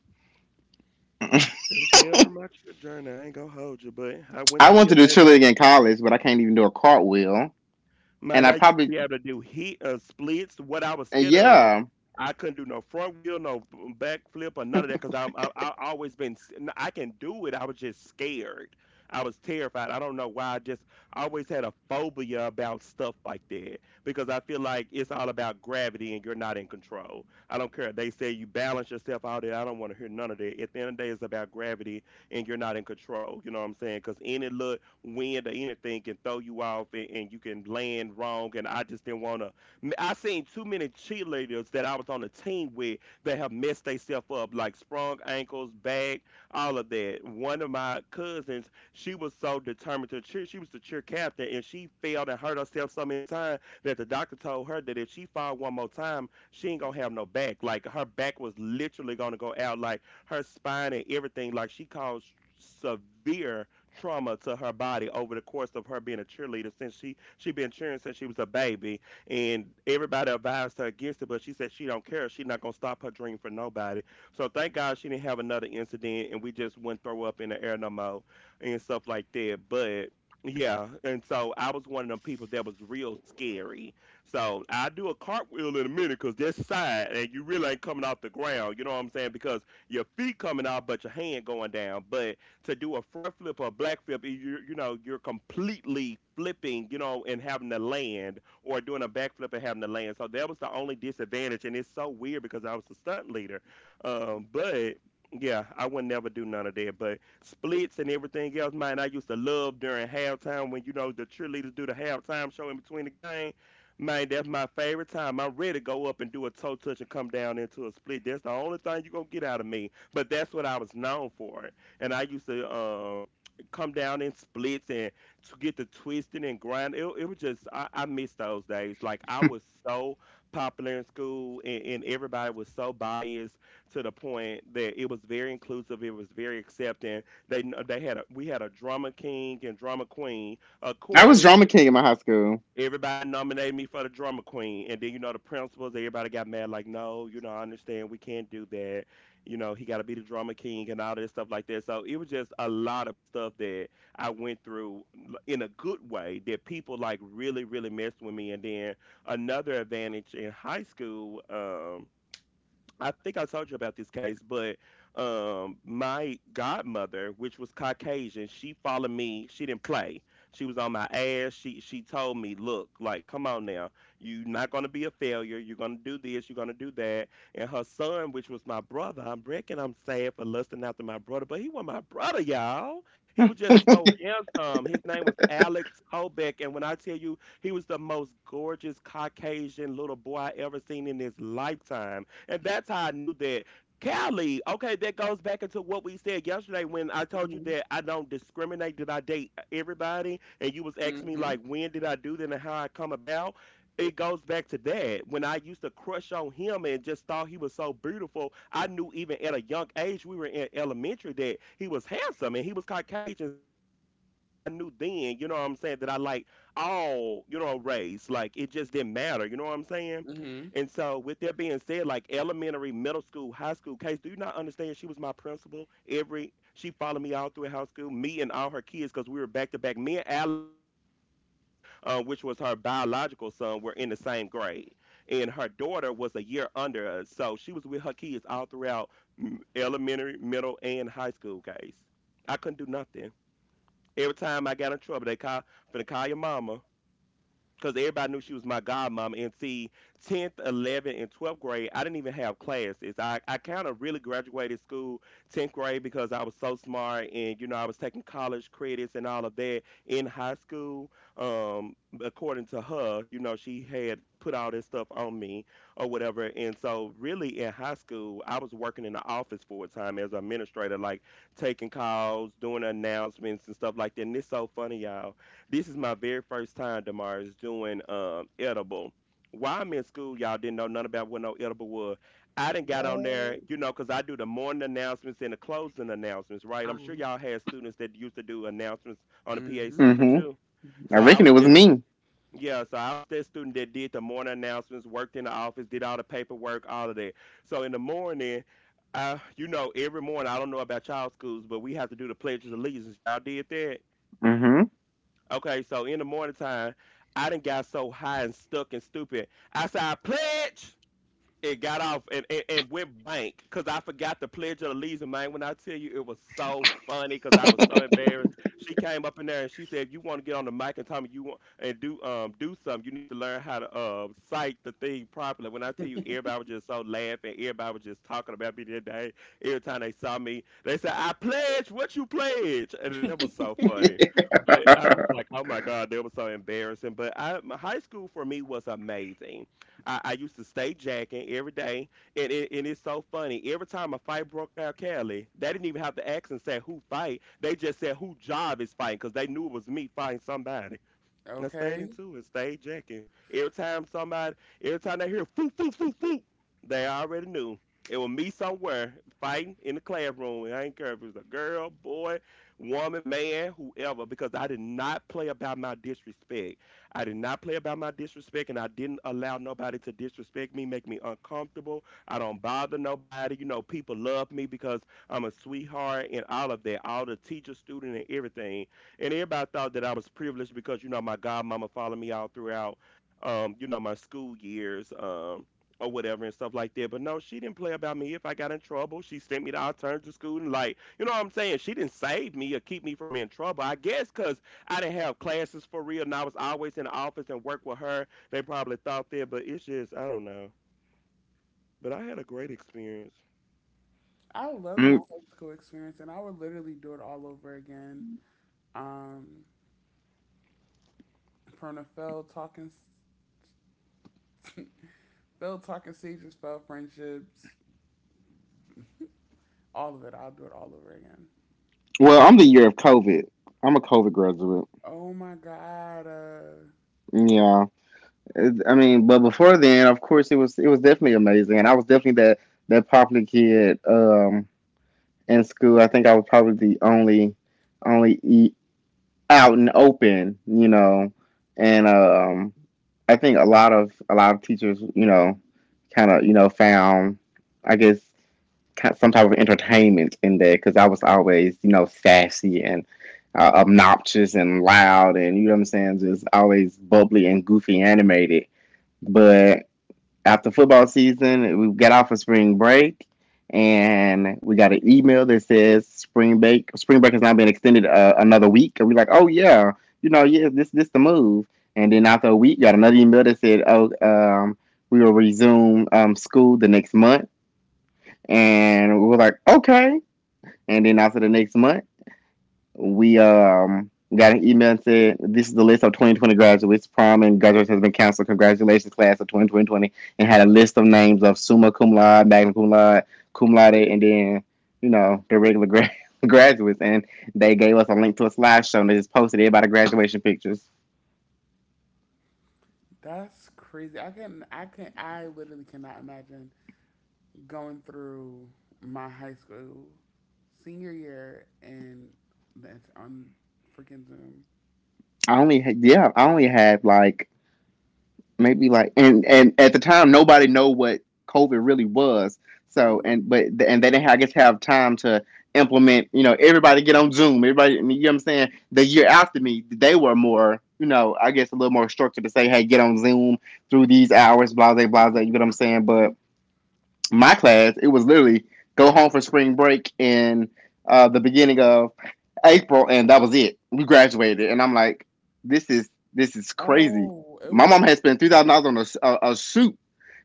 Speaker 3: That was the end of my cheer journey. I ain't gonna hold you, but I went
Speaker 2: I
Speaker 3: to
Speaker 2: went
Speaker 3: be
Speaker 2: to
Speaker 3: a.
Speaker 2: the cheerleading in college, but I can't even do a cartwheel. And
Speaker 3: Man,
Speaker 2: I
Speaker 3: I used to
Speaker 2: probably,
Speaker 3: be able to do heat and splits. What I was
Speaker 2: and
Speaker 3: scared of,
Speaker 2: yeah,
Speaker 3: I couldn't do no front wheel, no back flip, or none of that because I always been I can do it. I was just scared. I was terrified. I don't know why. I just always had a phobia about stuff like that because I feel like it's all about gravity and you're not in control. I don't care. They say you balance yourself out there. I don't want to hear none of that. At the end of the day, it's about gravity and you're not in control. You know what I'm saying? Because any look, wind or anything can throw you off, and, you can land wrong. And I just didn't want to. I seen too many cheerleaders that I was on a team with that have messed themselves up, like sprung ankles, back, all of that. One of my cousins, she was so determined to cheer. She was the cheer captain, and she failed and hurt herself so many times that the doctor told her that if she fall one more time, she ain't gonna have no back. Like her back was literally gonna go out, like her spine and everything. Like she caused severe trauma to her body over the course of her being a cheerleader since she been cheering since she was a baby. And everybody advised her against it, but she said she don't care, she's not gonna stop her dream for nobody. So thank God she didn't have another incident, and we just wouldn't throw up in the air no more and stuff like that. But yeah, and so I was one of them people that was real scary. So I do a cartwheel in a minute because that's side and you really ain't coming off the ground. You know what I'm saying? Because your feet coming out but your hand going down. But to do a front flip or a back flip, you're completely flipping, and having to land, or doing a backflip and having to land. So that was the only disadvantage, and it's so weird because I was a stunt leader, but. Yeah, I would never do none of that. But splits and everything else, man, I used to love during halftime when the cheerleaders do the halftime show in between the game. Man, that's my favorite time. I'm ready to go up and do a toe touch and come down into a split. That's the only thing you're gonna get out of me. But that's what I was known for, and I used to come down in splits and to get the twisting and grind. It was just I miss those days. Like I was so popular in school, and everybody was so biased to the point that it was very inclusive. It was very accepting. They kn- they had a, we had a drama king and drama queen, of
Speaker 2: I was
Speaker 3: course.
Speaker 2: drama king in my high school.
Speaker 3: Everybody nominated me for the drama queen, and then the principals. Everybody got mad, like, "No, you know, I understand we can't do that. You know, he got to be the drama king" and all this stuff like that. So it was just a lot of stuff that I went through in a good way that people like really, really messed with me. And then another advantage in high school. I think I told you about this case, but my godmother, which was Caucasian, she followed me. She didn't play. She was on my ass. She told me, "Look, like, come on now, you're not gonna be a failure. You're gonna do this. You're gonna do that." And her son, which was my brother, I'm reckon I'm sad for lusting after my brother, but he was my brother, y'all. He was just
Speaker 2: <laughs>
Speaker 3: so handsome. His name was Alex Kobeck, and when I tell you, he was the most gorgeous Caucasian little boy I ever seen in his lifetime, and that's how I knew that. Callie, okay, that goes back into what we said yesterday when I told you
Speaker 1: mhm.
Speaker 3: that I don't discriminate, that I date everybody, and you was asking me
Speaker 1: Mhm.
Speaker 3: like when did I do that and how I come about. It goes back to that. When I used to crush on him and just thought he was so beautiful, I knew even at a young age, we were in elementary, that he was handsome and he was Caucasian. So I knew then, you know what I'm saying, that I like all, race. Like it just didn't matter, you know what I'm saying? And
Speaker 1: Mhm.
Speaker 3: so, with that being said, like elementary, middle school, high school, case, do you not understand? She was my principal. Every she followed me all through high school, me and all her kids, because we were back to back. Me and Alex, which was her biological son, were in the same grade, and her daughter was a year under us, so she was with her kids all throughout elementary, middle, and high school. Case, I couldn't do nothing. Every time I got in trouble, they call, finna call your mama because everybody knew she was my godmom. And see, 10th, 11th, and 12th grade, I didn't even have classes. I kind of really graduated school 10th grade because I was so smart and, you know, I was taking college credits and all of that in high school. Um, According to her, you know, she had put all this stuff on me or whatever. And so, really, in high school, I was working in the office full time as an administrator, like taking calls, doing announcements and stuff like that. And it's so funny, y'all, this is my very first time, Damaris, doing edible. While I'm in school, y'all didn't know nothing about what no edible was. I didn't got on there,
Speaker 1: What?
Speaker 3: you know, because I do the morning announcements and the closing announcements, right? I'm
Speaker 1: Uh-huh.
Speaker 3: sure y'all had students that used to do announcements on the PA
Speaker 1: Mhm.
Speaker 3: system
Speaker 2: Hmm.
Speaker 3: too.
Speaker 2: I
Speaker 3: So I
Speaker 2: reckon
Speaker 3: was
Speaker 2: it was
Speaker 3: that,
Speaker 2: me.
Speaker 3: yeah, so I was that student that did the morning announcements, worked in the office, did all the paperwork, all of that. So in the morning, you know, every morning, I don't know about child schools, but we have to do the Pledge of Allegiance. Y'all did that?
Speaker 2: Hmm.
Speaker 3: Okay, so in the morning time, I done got so high and stuck and stupid. I said, I pledge it got off and went blank because I forgot the Pledge of Allegiance, man. When I tell you it was so funny because I was so embarrassed. She came up in there and she said, if you want to get on the mic and tell me you want and do do something, you need to learn how to cite the thing properly. When I tell you everybody was just so laughing, everybody was just talking about me that day. Every time they saw me, they said, I pledge what you pledge. And that was so funny. But I was like,
Speaker 2: <laughs>
Speaker 3: oh my God, that was so embarrassing. But I my high school for me was amazing. I used to stay jacking every day, and it's so funny. Every time a fight broke out, Cali, they didn't even have to ask and say who fight. They just said who job is fighting because they knew it was me fighting somebody. I stayed in
Speaker 1: Okay.
Speaker 3: two and stayed jacking. Every time somebody, every time they hear foo foo foo foo, they already knew it was me somewhere fighting in the classroom. And I ain't care if it was a girl, boy, woman, man, whoever, because I did not play about my disrespect. I did not play about my disrespect, and I didn't allow nobody to disrespect me, make me uncomfortable. I don't bother nobody. You know, people love me because I'm a sweetheart and all of that, all the teacher, student, and everything and everybody thought that I was privileged because you know my godmama followed me all throughout, you know my school years, or whatever and stuff like that. But no, she didn't play about me. If I got in trouble, she sent me to alternative school and like, you know what I'm saying? She didn't save me or keep me from in trouble. I guess because I didn't have classes for real, and I was always in the office and work with her. They probably thought that, but it's just I don't know. But I had a great experience.
Speaker 1: I love my high school experience, and I would literally do it all over again. Um, from the <laughs> failed talking stages, failed friendships. All of it. I'll do it all over again.
Speaker 2: Well, I'm the year of COVID. I'm a COVID graduate.
Speaker 1: Oh my god,
Speaker 2: Yeah, I mean, but before then, of course, it was definitely amazing, and I was definitely that popular kid in school. I think I was probably the only only e- out and open, you know, and I think a lot of teachers, you know, kind of you know found, I guess, some type of entertainment in there because I was always you know sassy and obnoxious and loud and you know what I'm saying, just always bubbly and goofy animated. But after football season, we got off of spring break, and we got an email that says spring break has now been extended another week, and we're like, oh yeah, you know, yeah, this the move. And then after a week, got another email that said, oh, we will resume school the next month, and we were like, okay. And then after the next month, we got an email and said this is the list of 2020 graduates. Prom and graduates has been canceled. Congratulations, class of 2020, and had a list of names of summa cum laude, magna cum laude, and then you know the regular <laughs> graduates. And they gave us a link to a slideshow and they just posted everybody graduation pictures.
Speaker 1: that's crazy. I literally cannot imagine going through my high school senior year and that's on freaking Zoom.
Speaker 2: I only had, yeah, I only had like maybe like, and at the time nobody know what COVID really was. So and
Speaker 1: Hmm.
Speaker 2: but and they didn't, I guess, have time to implement. You know, everybody get on Zoom. Everybody, you know what I'm saying. The year after me, they were more. You know, I guess a little more structured to say, hey, get on Zoom through these hours, blah blah blah blah, you know what I'm
Speaker 1: <laughs>
Speaker 2: saying? But my class, it was literally go home for spring break in the beginning of April, and that was it. We graduated, and I'm like, this is crazy.
Speaker 1: Oh, it
Speaker 2: My
Speaker 1: was
Speaker 2: mom
Speaker 1: on.
Speaker 2: had spent $3,000 on a suit.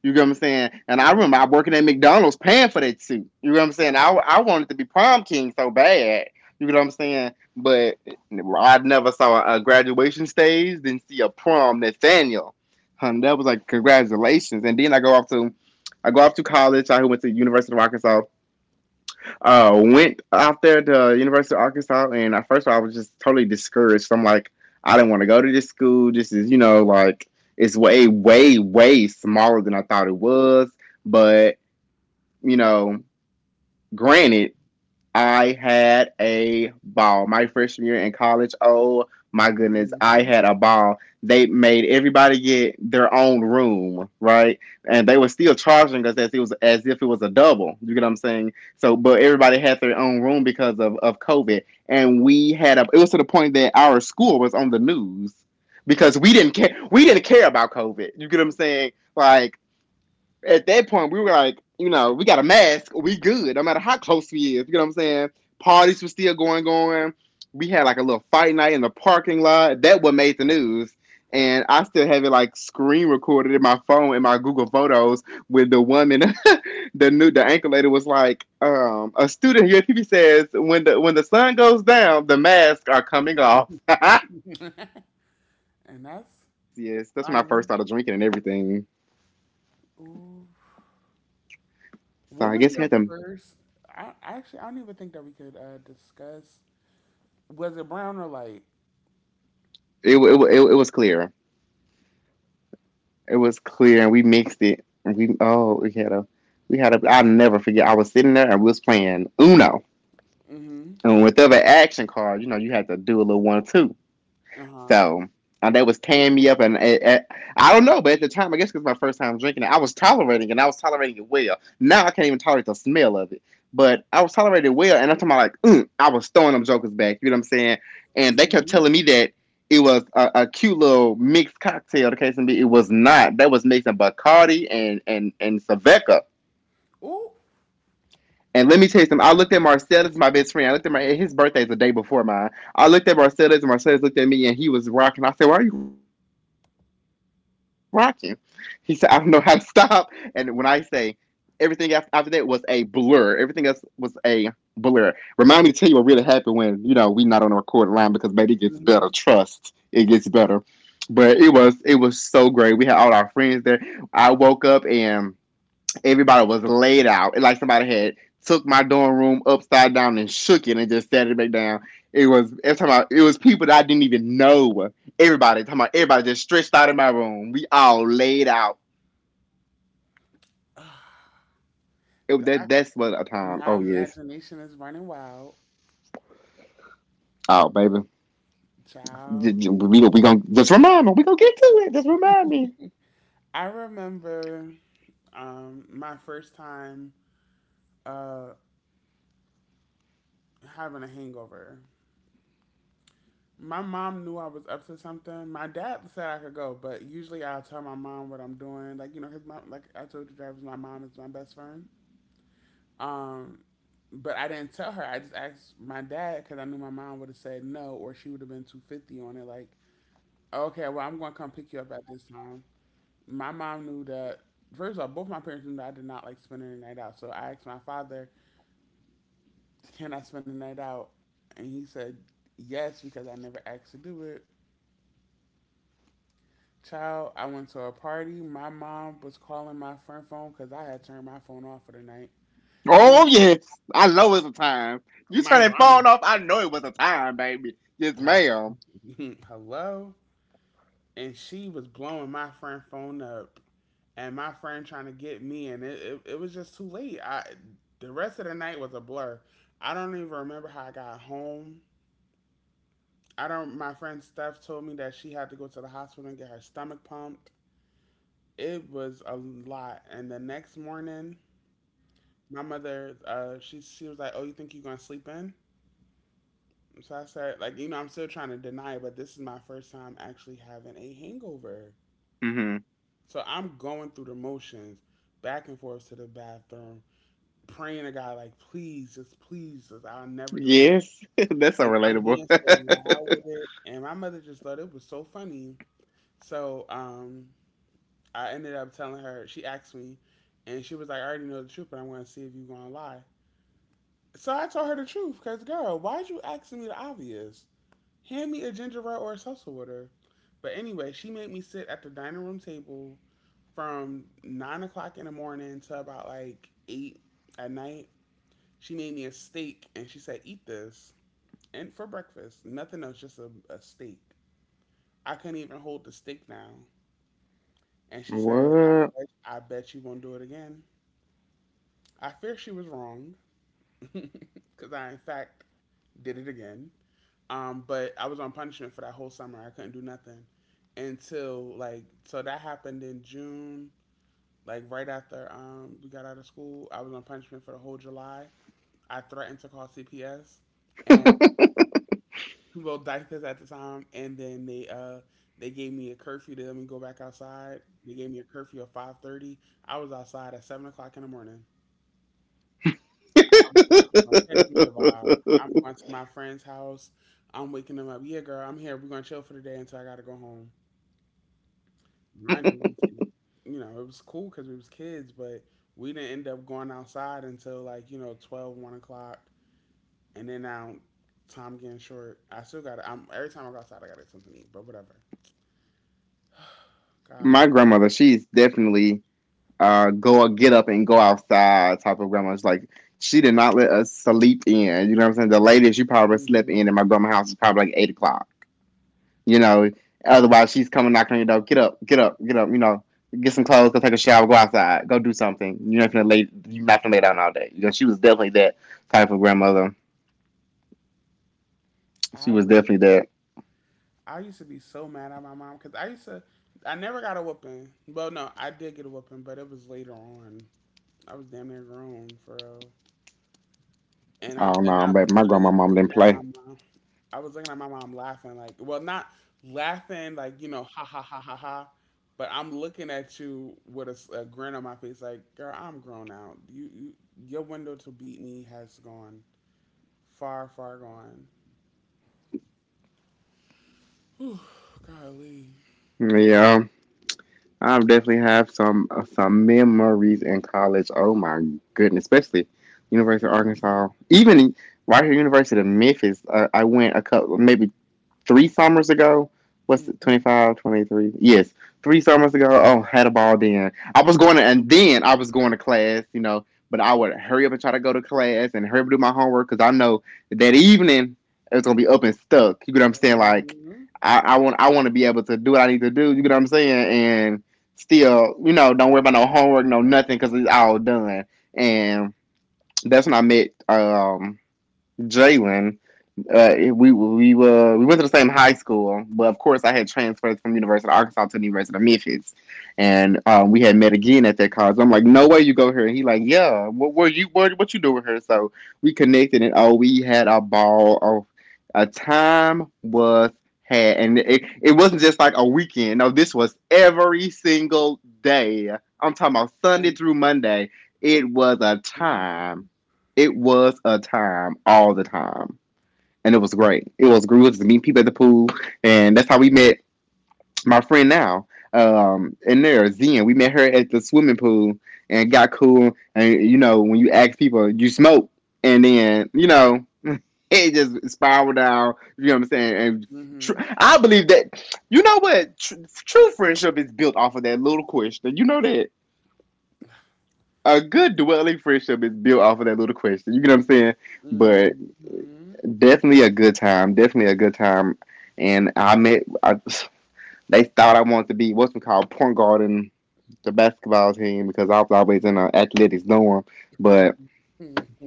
Speaker 2: You get what I'm saying? And I remember I
Speaker 1: Mhm,
Speaker 2: working at McDonald's paying for that suit. You know what I'm saying? I wanted to be prom king so bad. You know what I'm saying? But I never saw a graduation stage, didn't see a prom Nathaniel. Hun, that was like congratulations. And then I go off to college. I went to University of Arkansas. Went out there to University of Arkansas, and at first of all, I was just totally discouraged. I'm like, I didn't want to go to this school. This is, you know, like it's way smaller than I thought it was. But you know, granted, I had a ball. My freshman year in college, oh my goodness, I
Speaker 1: mhm.
Speaker 2: had a ball. They made everybody get their own room, right? And they were still charging us as it was as if it was a double. You get what I'm saying? So, but everybody had their own room because of COVID, and we had a. It was to the point that our school was on the news because we didn't care. We didn't care about COVID. You get what I'm saying? Like at that point, we were like, you know, we got a mask, we good, no matter how close we is. You know what I'm saying? Parties were still going on. We had like a little fight night in the parking lot. That what made the news. And I still have it like screen recorded in my phone in my Google Photos with the woman, <laughs> the anchor lady was like, a student here TV says when the sun goes down, the masks are coming off. <laughs>
Speaker 1: And that's
Speaker 2: Yes, that's when I
Speaker 1: what?
Speaker 2: first started drinking and everything.
Speaker 1: Ooh,
Speaker 2: So
Speaker 1: what
Speaker 2: I
Speaker 1: was
Speaker 2: guess we
Speaker 1: your
Speaker 2: had to.
Speaker 1: first? I actually I don't even think that we could discuss. Was it brown or light?
Speaker 2: It was clear. It was clear, and we mixed it. And we oh, we had a. I'll never forget. I was sitting there and we was playing Uno,
Speaker 1: Mm-hmm.
Speaker 2: and with every action card, you know, you had to do a little one or two.
Speaker 1: Uh huh.
Speaker 2: So that was tearing me up, and I don't know, but at the time, I guess it was my first time drinking it, I was tolerating it, and I was tolerating it well. Now I can't even tolerate the smell of it, but I was tolerating it well, and I'm talking about like, I was throwing them jokers back. You know what I'm saying? And they kept
Speaker 1: Mm-hmm.
Speaker 2: telling me that it was a cute little mixed cocktail. The case may be, it was not. That was mixing Bacardi and Saveca.
Speaker 1: Ooh.
Speaker 2: And let me tell you something. I looked at Marcellus, my best friend. I looked at my His birthday is the day before mine. I looked at Marcellus, and Marcellus looked at me, and he was rocking. I said, "Why are you rocking?" He said, "I don't know how to stop." And when I say everything after that was a blur, everything else was a blur. Remind me to tell you what really happened when you know we not on the recording line because baby it gets better.
Speaker 1: Mm-hmm.
Speaker 2: Trust it gets better. But it was so great. We had all our friends there. I woke up and everybody was laid out. Like somebody had took my dorm room upside down and shook it and just set it back down. It was every it was people that I didn't even know. Everybody talking about everybody just stretched out in my room. We all laid out. It, that
Speaker 1: I,
Speaker 2: that's what a time.
Speaker 1: my
Speaker 2: Oh yes.
Speaker 1: imagination is running wild,
Speaker 2: Oh baby,
Speaker 1: child.
Speaker 2: we gonna just remind me. We gonna get to it. Just remind me.
Speaker 1: I remember my first time uh, having a hangover. My mom knew I was up to something. My dad said I could go, but usually I'll tell my mom what I'm doing. Like you know, his mom, like I told you, drivers. My mom is my best friend. Um, but I didn't tell her. I just asked my dad because I knew my mom would have said no, or she would have been 250 on it. Like, okay, well, I'm going to come pick you up at this time. My mom knew that, first of all, both my parents knew that I did not like spending the night out. So I asked my father, can I spend the night out? And he said, yes, because I never asked to do it. Child, I went to a party. My mom was calling my friend phone because I had turned my phone off for the night. She was,
Speaker 2: Oh yes, I know it's a time. You turn
Speaker 1: Mind you,
Speaker 2: that
Speaker 1: I'm
Speaker 2: phone off. I know it was a time, baby. Yes, ma'am.
Speaker 1: uh, <laughs> hello? And she was blowing my friend phone up and my friend trying to get me and it was just too late. I the rest of the night was a blur. I don't even remember how I got home. I don't my friend Steph told me that she had to go to the hospital and get her stomach pumped. It was a lot. And the next morning my mother she was like, oh, you think you're gonna sleep in? So I said, like, you know, I'm still trying to deny it, but this is my first time actually having a hangover.
Speaker 2: Mm-hmm.
Speaker 1: So I'm going through the motions, back and forth to the bathroom, praying to God, like, please, just, I'll never do it again.
Speaker 2: Yes, <laughs> that's so
Speaker 1: And I'm
Speaker 2: relatable.
Speaker 1: being so
Speaker 2: <laughs>
Speaker 1: loud with it. And my mother just thought it was so funny. So I ended up telling her, she asked me, and she was like, I already know the truth, but I want to see if you're going to lie. So I told her the truth, because, girl, why'd you asking me the obvious? Hand me a ginger ale or a salsa water. But anyway, she made me sit at the dining room table from 9 o'clock in the morning to about like eight at night. She made me a steak and she said, eat this. And for breakfast, nothing else, just a steak. I couldn't even hold the steak down. And she said,
Speaker 2: What?
Speaker 1: I bet you won't do it again. I fear she was wrong <laughs> because I, in fact, did it again. But I was on punishment for that whole summer. I couldn't do nothing until like so that happened in June, like right after we got out of school. I was on punishment for the whole July. I threatened to call CPS and
Speaker 2: <laughs>
Speaker 1: well diapers at the time and then they gave me a curfew to let me go back outside. They gave me a curfew of 5:30. I was outside at 7 o'clock in the morning. I was gonna catch me a vibe. I'm going to my friend's house. I'm waking them up. Yeah, girl, I'm here. We're gonna chill for the day until I gotta go home. Mind you, we, you know, it was cool because we was kids, but we didn't end up going outside until like you know 12, 1 o'clock, and then now time getting short. I still got. I'm Every time I go outside, I gotta get something to eat, but whatever. <sighs>
Speaker 2: My
Speaker 1: God.
Speaker 2: grandmother, she's definitely go get up and go outside type of grandma. It's like she did not let us sleep in. You know what I'm saying? The latest you probably slept
Speaker 1: Hmm.
Speaker 2: in my grandma's house is probably like 8 o'clock. You know, otherwise she's coming knocking on your door. Get up, get up, get up. You know, get some clothes, go take a shower, go outside, go do something. You're not gonna lay down all day. You know, she was definitely that type of grandmother. She
Speaker 1: I
Speaker 2: was
Speaker 1: literally,
Speaker 2: definitely that.
Speaker 1: I used to be so mad at my mom because I used to, I never got a whooping. Well, no, I did get a whooping, but it was later on. I was damn near grown for real. And
Speaker 2: I
Speaker 1: I'm,
Speaker 2: don't
Speaker 1: and
Speaker 2: know,
Speaker 1: I'm
Speaker 2: but my grandma
Speaker 1: literally
Speaker 2: mom
Speaker 1: looking
Speaker 2: didn't
Speaker 1: at my
Speaker 2: play.
Speaker 1: mom. I was looking at my mom laughing, like, well, not laughing, like, you know, ha ha ha ha ha, but I'm looking at you with a grin on my face, like, girl, I'm grown out. Your window to beat me has gone far, far gone. Whew, golly.
Speaker 2: Yeah, I've definitely have some memories in college. Oh my goodness, especially University of Arkansas, even right here, University of Memphis. I went a couple, maybe three summers ago. What's it,
Speaker 1: Mm-hmm.
Speaker 2: 25, 23. Yes, three summers ago. Oh, had a ball then. I was going to, and then I was going to class, you know, but I would hurry up and try to go to class and hurry up and do my homework because I know that evening it's going to be up and stuck. You get what I'm saying? Like,
Speaker 1: Mm-hmm.
Speaker 2: I want to be able to do what I need to do. You get what I'm saying? And still, you know, don't worry about no homework, no nothing, because it's all done. And that's when I met Jalen, we went to the same high school, but of course I had transferred from University of Arkansas to the University of Memphis, and we had met again at that college. I'm like, no way you go here. And he like, yeah, what you doing here? So we connected, and oh, we had a ball. Oh, a time was had, and it wasn't just like a weekend. No, this was every single day. I'm talking about Sunday
Speaker 1: And.
Speaker 2: through Monday. It was a
Speaker 1: Mm-hmm.
Speaker 2: time. It was a time all the time and it was great. It was great to meet people at the pool, and that's how we met my friend now. And there, Zen, we met her at the swimming pool and got cool. And you know, when you ask people, you smoke, and then you know, <laughs> it just spiraled out. You know what I'm saying? And I believe that true friendship is built off of that little question. You know that a good dwelling friendship is built off of that little question. You get what I'm saying? But
Speaker 1: Mm-hmm.
Speaker 2: definitely a good time. Definitely a good time. And I met. They thought I wanted to be what's it called point guard in the basketball team because I was always in an athletics dorm. But
Speaker 1: <laughs>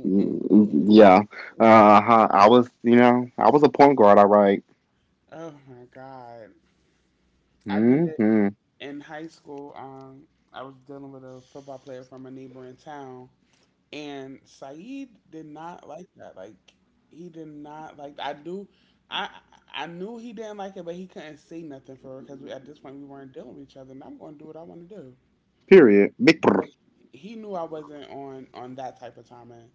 Speaker 2: yeah, uh huh. I was, you know, I was a point guard. All right.
Speaker 1: Oh my God. I dated
Speaker 2: Mm-hmm.
Speaker 1: in high school, I was dealing with a football player from a neighboring town, and Saeed did not like that. Like he did not like. I do, I I knew he didn't like it, but he couldn't say nothing for her because at this point we weren't dealing with each other, and I'm going to do what I want to do.
Speaker 2: Period. Big. Brr.
Speaker 1: But he knew I wasn't on that type of timing.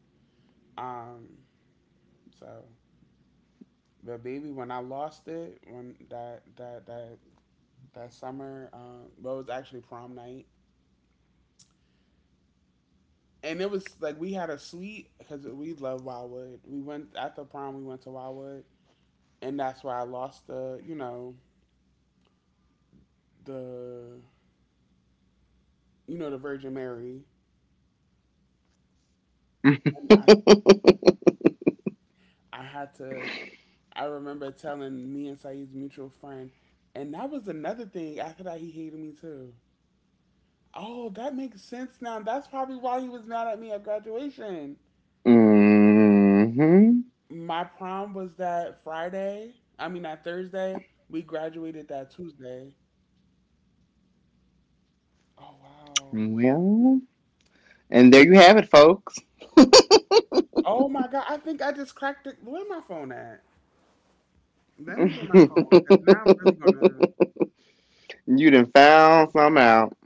Speaker 1: Um, so but baby, when I lost it, when that summer, well, it was actually prom night. And it was like we had a suite because we love Wildwood. We went after prom. We went to Wildwood, and that's where I lost the you know the you know the Virgin Mary.
Speaker 2: <laughs>
Speaker 1: And I had to. I remember telling me and Saeed's mutual friend, and that was another thing. After that, he hated me too. Oh, that makes sense now. That's probably why he was mad at me at graduation.
Speaker 2: Mm-hmm.
Speaker 1: My prom was that Friday. I mean, that Thursday. We graduated that Tuesday. Oh wow.
Speaker 2: Well, and there you have it, folks.
Speaker 1: Oh my god, I think I just cracked it. Where my phone at? Let me get
Speaker 2: <laughs>
Speaker 1: my phone
Speaker 2: You
Speaker 1: because now I'm really gonna.
Speaker 2: done found some out.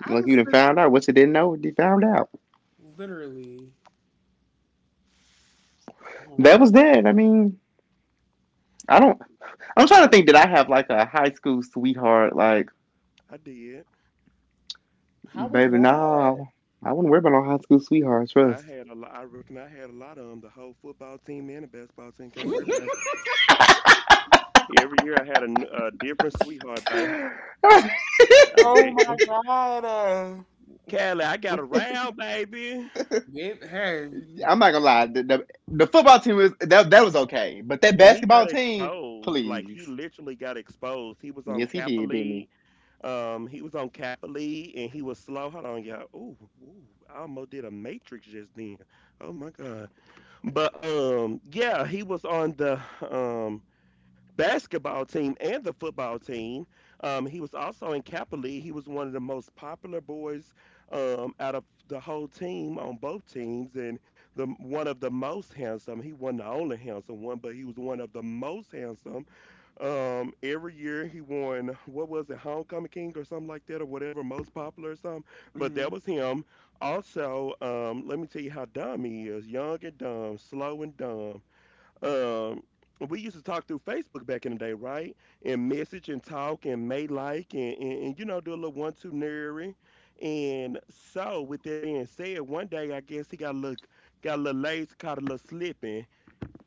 Speaker 1: I
Speaker 2: Like you
Speaker 1: just
Speaker 2: done
Speaker 1: spit
Speaker 2: found out what you didn't know, you found out.
Speaker 1: it- literally. Hold on.
Speaker 2: That was that. I mean, I don't. I'm trying to think. Did I have like a high school sweetheart? Like,
Speaker 3: I did.
Speaker 1: How was
Speaker 2: baby,
Speaker 1: that?
Speaker 2: no, I wouldn't worry about no high school sweetheart.
Speaker 3: I
Speaker 2: Trust.
Speaker 3: had a lot. I reckon I had a lot of them. The whole football team and the basketball team. Can't worry about
Speaker 1: <laughs>
Speaker 3: every year I had a, a different sweetheart,
Speaker 2: <laughs>
Speaker 3: baby.
Speaker 2: I'm
Speaker 3: I
Speaker 1: Oh my
Speaker 3: reckon.
Speaker 1: god.
Speaker 3: Callie, I got around, baby.
Speaker 1: Yep, hey.
Speaker 2: not gonna lie. The football team was that was okay, but that
Speaker 3: And he
Speaker 2: basketball
Speaker 3: got
Speaker 2: team,
Speaker 3: exposed. Like,
Speaker 2: please.
Speaker 3: he literally got exposed. He was on
Speaker 2: Yes, he
Speaker 3: Kappa
Speaker 2: did, didn't he?
Speaker 3: League. He was on Kappa League and he was slow. Hold on, y'all. Ooh, ooh, I almost did a matrix just then. Oh my God. But yeah, he was on the um basketball team and the football team. He was also in Kappa League. He was one of the most popular boys out of the whole team on both teams, and the one of the most handsome. He wasn't the only handsome one, but he was one of the most handsome. Every year he won what was it, homecoming king or something like that, or whatever, most popular or something. But
Speaker 1: Mm-hmm.
Speaker 3: that was him. Also, let me tell you how dumb he is. Young and dumb, slow and dumb, um, we used to talk through Facebook back in the day, right? And message and talk and may like and you know do a little 1 2 nary. And so with that being said, one day I guess he got a little lazy, caught a little slipping.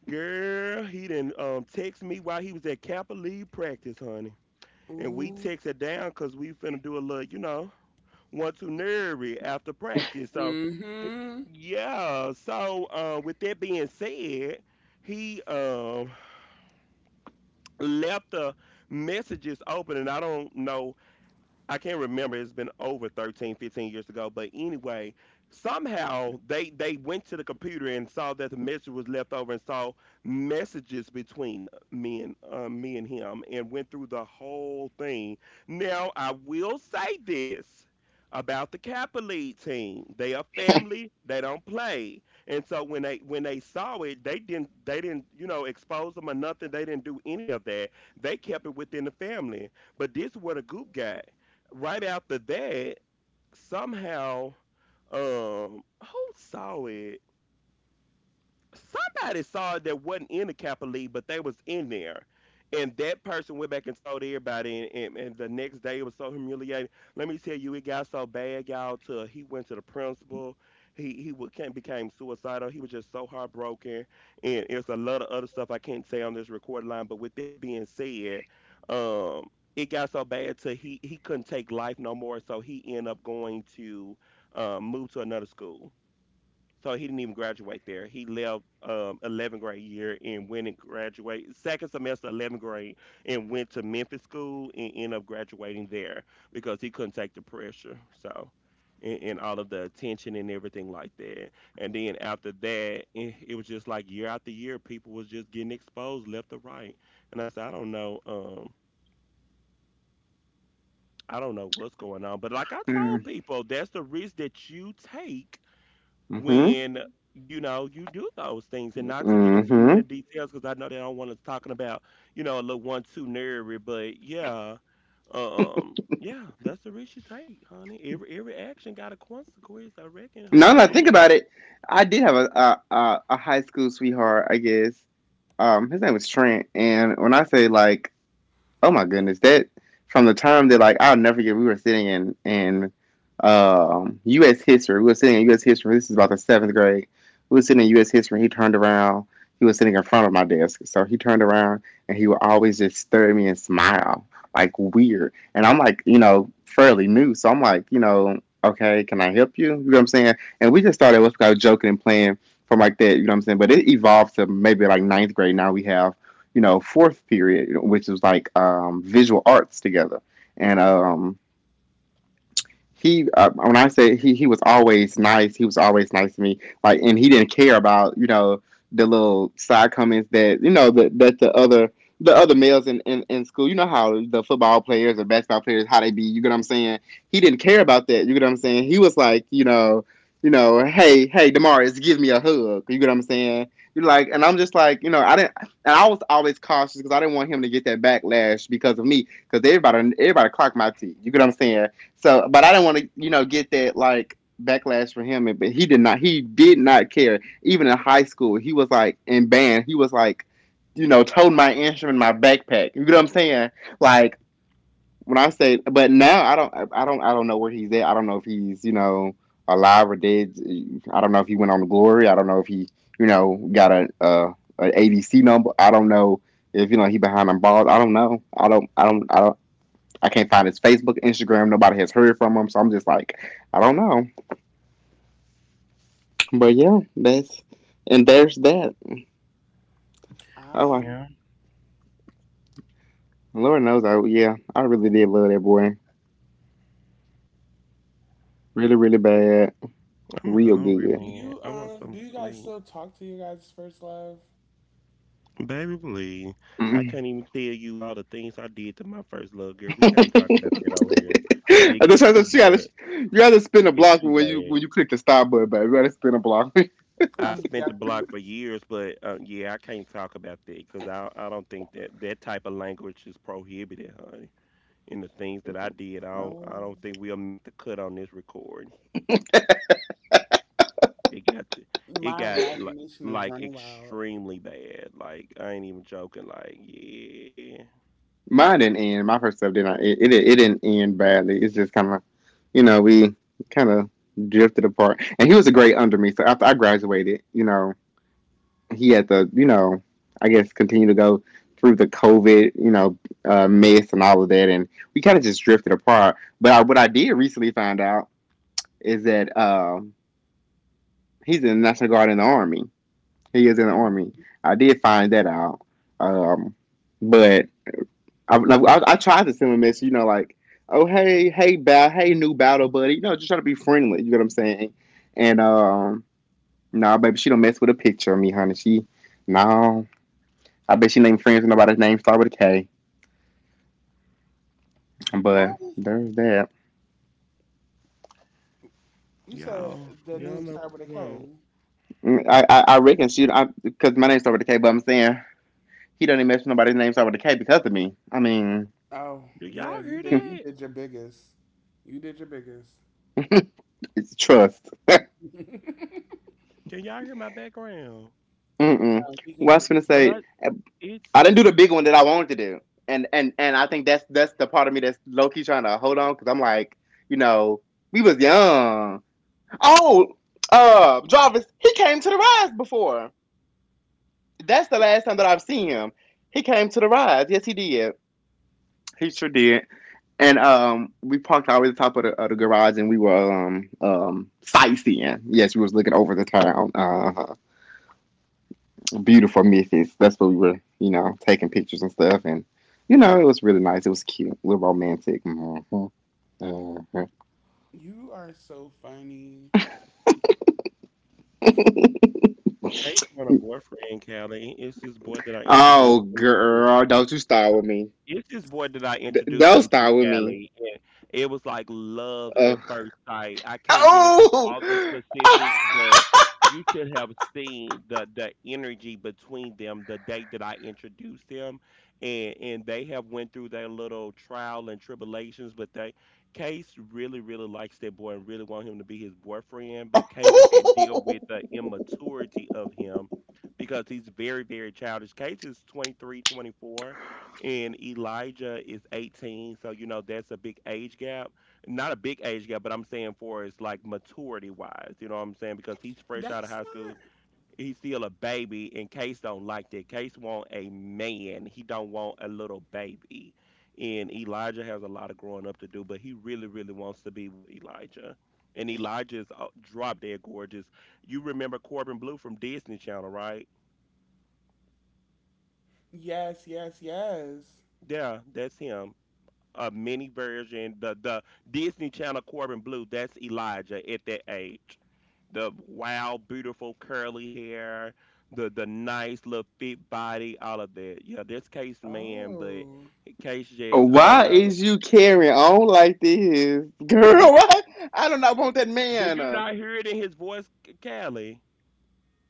Speaker 3: Girl, he didn't text me while he was at Kappa League practice, honey. And we
Speaker 1: Ooh.
Speaker 3: texted down cause we finna do a little, you know, 1 2 nary after practice. So
Speaker 1: Mm-hmm.
Speaker 3: yeah, so with that being said, he left the messages open and I don't know. I can't remember. It's been over 13, 15 years ago. But anyway, somehow they went to the computer and saw that the message was left over and saw messages between me and him and went through the whole thing. Now I will say this about the Kappa League team. They are family. They don't play. And so when they saw it, they didn't you know expose them or nothing. They didn't do any of that. They kept it within the family. But this is where the goop got right after that, somehow, who saw it? Somebody saw it that wasn't in the Kappa League, but they was in there. And that person went back and told everybody, and, and the next day it was so humiliating. Let me tell you, it got so bad, y'all. To he went to the principal, became suicidal. He was just so heartbroken, and it's a lot of other stuff I can't say on this record line. But with that being said, um, it got so bad to he couldn't take life no more, so he ended up going to move to another school so he didn't even graduate there. He left 11th grade year and went and graduated second semester 11th grade and went to Memphis school and ended up graduating there because he couldn't take the pressure. So and all of the attention and everything like that. And then after that, it was just like year after year, people was just getting exposed left to right. And I said, I don't know. I don't know what's going on, but like I told people, that's the risk that you take
Speaker 2: Mm-hmm.
Speaker 3: when you know you do those things and not to get into many
Speaker 2: Mm-hmm.
Speaker 3: details because I know they don't want us talking about you know a little one too nerdy but yeah. Yeah, that's the risk you take honey, every action got a consequence, I reckon.
Speaker 2: Now that I think
Speaker 3: You-
Speaker 2: about it, I did have a high school sweetheart, I guess. His name was Trent, and when I say like, oh my goodness, that from the time that, like, I'll never forget, we were sitting in U.S. history. We were sitting in U.S. history. This is about the seventh grade. We were sitting in U.S. history. He turned around. He was sitting in front of my desk, so he turned around and he would always just stare at me and smile like weird. And I'm like, you know, fairly new, so I'm like, you know, okay, can I help you? You know what I'm saying? And we just started what's called joking and playing from like that. You know what I'm saying? But it evolved to maybe like ninth grade. Now we have, you know, fourth period, which was like, visual arts together, and he when I say he was always nice, he was always nice to me. Like, and he didn't care about, you know, the little side comments that, you know, that that the other, the other males in school, you know how the football players or basketball players, how they be, you get what I'm saying? He didn't care about that, you get what I'm saying? He was like, you know, hey, Demarius, give me a hug. You get what I'm saying? You're like, and I'm just like, you know, I didn't, and I was always cautious because I didn't want him to get that backlash because of me, because everybody clocked my teeth. You get what I'm saying? So, but I didn't want to, you know, get that like backlash for him. But he did not. He did not care. Even in high school, he was like in band. He was like, you know, toting my instrument in my backpack. You know what I'm saying? Like when I say, but now I don't. I don't. I don't know where he's at. I don't know if he's, you know, alive or dead. I don't know if he went on to glory. I don't know if he, you know, got a an ADC number. I don't know if, you know, he behind on bars. I don't know. I don't. I don't. I don't. I can't find his Facebook, Instagram. Nobody has heard from him, so I'm just like, I don't know. But yeah, that's, and there's that. Oh, I,
Speaker 1: Um,
Speaker 3: yeah,
Speaker 2: Lord knows, I, yeah, I really did love that boy. Really, really bad.
Speaker 3: I'm
Speaker 2: Real
Speaker 3: hungry
Speaker 2: good.
Speaker 3: man, I want
Speaker 1: do
Speaker 3: something
Speaker 1: you guys
Speaker 3: sweet.
Speaker 1: still talk to your guys' first love?
Speaker 3: Baby please, I
Speaker 2: Mm.
Speaker 3: can't even tell you all the things I did to my first love, girl, we
Speaker 2: <laughs>
Speaker 3: can't talk about that on here because it
Speaker 2: I just
Speaker 3: get
Speaker 2: had to,
Speaker 3: too
Speaker 2: she gotta,
Speaker 3: bad.
Speaker 2: you gotta spin a
Speaker 3: It get
Speaker 2: block
Speaker 3: too
Speaker 2: when
Speaker 3: bad.
Speaker 2: you click the stop button, but you gotta spin a block.
Speaker 1: I'm
Speaker 3: I've spent the
Speaker 1: definitely.
Speaker 3: block for years, but yeah, I can't talk about that because I don't think that that type of language is prohibited, honey. And the things that I did, I
Speaker 1: Oh,
Speaker 3: don't think we'll make the cut on this recording. It got to, it
Speaker 1: my
Speaker 3: got
Speaker 1: imagination is
Speaker 3: like
Speaker 1: running wild.
Speaker 3: extremely bad. Like I ain't even joking. Like yeah,
Speaker 2: <laughs> Mine didn't end. My first step didn't. It didn't end badly. It's just kind of, you know, we kind of drifted apart. And he was a great under me. So after I graduated, you know, he had to, you know, I guess continue to go through the COVID, you know, mess and all of that, and we kind of just drifted apart. But I, what I did recently find out is that he's in the National Guard in the Army. He is in the Army.
Speaker 1: Hmm.
Speaker 2: I did find that out. Um, but I tried to send him a message, you know, like, oh, hey, ba- hey, new battle buddy, you know, just trying to be friendly. You know what I'm saying? And no, nah, baby, she don't mess with a picture of me, honey. She no, I bet she named friends with nobody's name start with a K. But
Speaker 1: Kelly,
Speaker 2: there's that.
Speaker 1: you said the name
Speaker 3: y'all know
Speaker 1: started with a
Speaker 3: what I
Speaker 1: K.
Speaker 3: want.
Speaker 2: Mm, I reckon she, because my name start with a K. But I'm saying he doesn't even mess with nobody's name start with a K because of me. I mean,
Speaker 1: Oh,
Speaker 3: Do
Speaker 1: yeah,
Speaker 3: y'all
Speaker 1: you
Speaker 3: hear
Speaker 1: did. You
Speaker 2: <laughs>
Speaker 3: that?
Speaker 1: did your biggest. You did your biggest.
Speaker 2: it's trust. <laughs>
Speaker 1: No,
Speaker 3: Can y'all hear my background?
Speaker 2: Mm-mm.
Speaker 1: we can't
Speaker 2: Well, I
Speaker 1: hear
Speaker 2: was
Speaker 1: you.
Speaker 2: gonna
Speaker 3: When
Speaker 2: say
Speaker 3: I
Speaker 2: I didn't do
Speaker 3: it's
Speaker 2: the big one that I wanted to do, and I think that's the part of me that's low key trying to hold on because I'm like, you know, we was young. Oh, Jarvis, he came to the rise before. That's the last time that I've seen him. He came to the rides. Yes, he did. He sure did. And we parked all the way at the top of the garage, and we were sightseeing. Yes, we was looking over the town. Beautiful Memphis. That's what we were, you know, taking pictures and stuff. And you know, it was really nice. It was cute, a little romantic. Mhm. Mhm.
Speaker 1: You are so funny.
Speaker 3: case one, a boyfriend, Callie, it's this boy that I introduced
Speaker 2: Oh,
Speaker 3: him to.
Speaker 2: girl, don't you start with me.
Speaker 3: It's this boy that I
Speaker 2: D-
Speaker 3: introduced
Speaker 2: don't
Speaker 3: him to,
Speaker 2: start with me.
Speaker 3: Callie, and it was like love at
Speaker 2: Ugh.
Speaker 3: first sight. I can't get into all the specifics, but you should have seen the energy between them the day that I introduced them, and they have went through their little trial and tribulations, but they Case really really likes that boy and really want him to be his boyfriend, but Case can't deal
Speaker 2: Oh.
Speaker 3: with the
Speaker 2: <laughs>
Speaker 3: immaturity of him because he's very very childish. Case is 23, 24 and Elijah is 18. So, you know, that's a big age gap. Not a big age gap, but I'm saying for it's like maturity wise. You know what I'm saying? Because he's fresh out
Speaker 1: That's
Speaker 3: of high
Speaker 1: not.
Speaker 3: school. He's still a baby, and Case don't like that. Case want a man. He don't want a little baby. And Elijah has a lot of growing up to do, but he really, really wants to be with Elijah. And Elijah's drop dead gorgeous. You remember Corbin Blue from Disney Channel, right?
Speaker 1: Yes, yes, yes.
Speaker 3: Yeah, that's him. A mini version, the Disney Channel Corbin Blue. That's Elijah at that age. The wild, beautiful curly hair, the nice little fit body, all of that. Yeah, that's Case man, but
Speaker 1: Oh,
Speaker 3: Case just I don't
Speaker 2: Why
Speaker 3: know.
Speaker 2: is you carrying on like this, <laughs> girl?
Speaker 3: Vic,
Speaker 2: Why? I do not want that
Speaker 3: do
Speaker 2: man.
Speaker 3: you
Speaker 2: Uh.
Speaker 3: not hear it in his voice, Callie?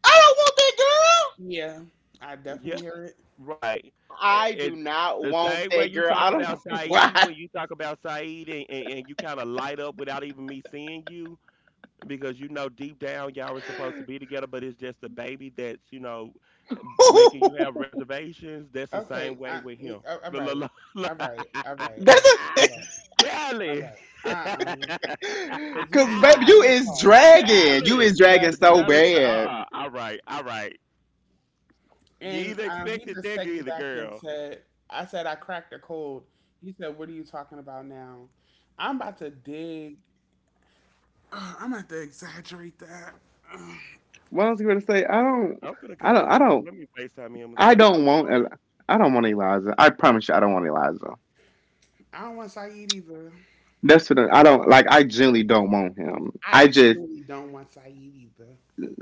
Speaker 2: I don't want that girl.
Speaker 1: yeah. I definitely
Speaker 3: Yeah,
Speaker 1: hear it.
Speaker 3: right.
Speaker 2: I do
Speaker 3: And
Speaker 2: not
Speaker 3: the
Speaker 2: want
Speaker 3: same way
Speaker 2: that
Speaker 3: you
Speaker 2: girl.
Speaker 3: talk
Speaker 2: I don't
Speaker 3: about
Speaker 2: know
Speaker 3: Saeed,
Speaker 2: why. <laughs>
Speaker 3: when you talk about Saeed and you kind of light up without even me seeing you, because you know deep down y'all were supposed to be together, but it's just the baby that's you know making you have reservations. That's the
Speaker 1: Okay.
Speaker 3: same
Speaker 1: I,
Speaker 3: way with him.
Speaker 1: all right.
Speaker 3: La la,
Speaker 1: All
Speaker 3: la, la.
Speaker 1: right. All
Speaker 3: <laughs>
Speaker 1: right. All right.
Speaker 2: That's
Speaker 1: All
Speaker 2: a-
Speaker 1: right. All right.
Speaker 3: Kelly, <laughs>
Speaker 1: Uh-uh. Uh. Because
Speaker 2: <laughs>
Speaker 1: you
Speaker 2: Cause
Speaker 1: took it
Speaker 2: baby,
Speaker 1: too
Speaker 2: you is
Speaker 1: far.
Speaker 2: dragging. You
Speaker 3: Kelly,
Speaker 2: is dragging so
Speaker 1: Definitely.
Speaker 3: Kelly said,
Speaker 2: bad.
Speaker 3: all right, all right. You
Speaker 1: And
Speaker 3: either
Speaker 1: he
Speaker 3: expected
Speaker 1: just
Speaker 3: that,
Speaker 1: texted
Speaker 3: or the
Speaker 1: back and
Speaker 3: girl.
Speaker 1: said, I cracked a code. He said, what are you talking about now? I'm about to dig. <sighs> Ugh, I'm about to exaggerate that. <sighs> Ugh,
Speaker 2: What else you gonna say? I don't.
Speaker 3: I'm finna
Speaker 2: I
Speaker 3: call they
Speaker 2: don't. I
Speaker 3: lunch.
Speaker 2: don't.
Speaker 3: Let me Facetime him and
Speaker 2: I
Speaker 3: say, I'm
Speaker 2: don't want.
Speaker 3: on.
Speaker 2: Eli- I don't want Eliza. I promise you, I don't want Eliza.
Speaker 1: I don't want Saeed either.
Speaker 2: That's what I don't like. I genuinely don't want him.
Speaker 1: I genuinely don't want Saeed either.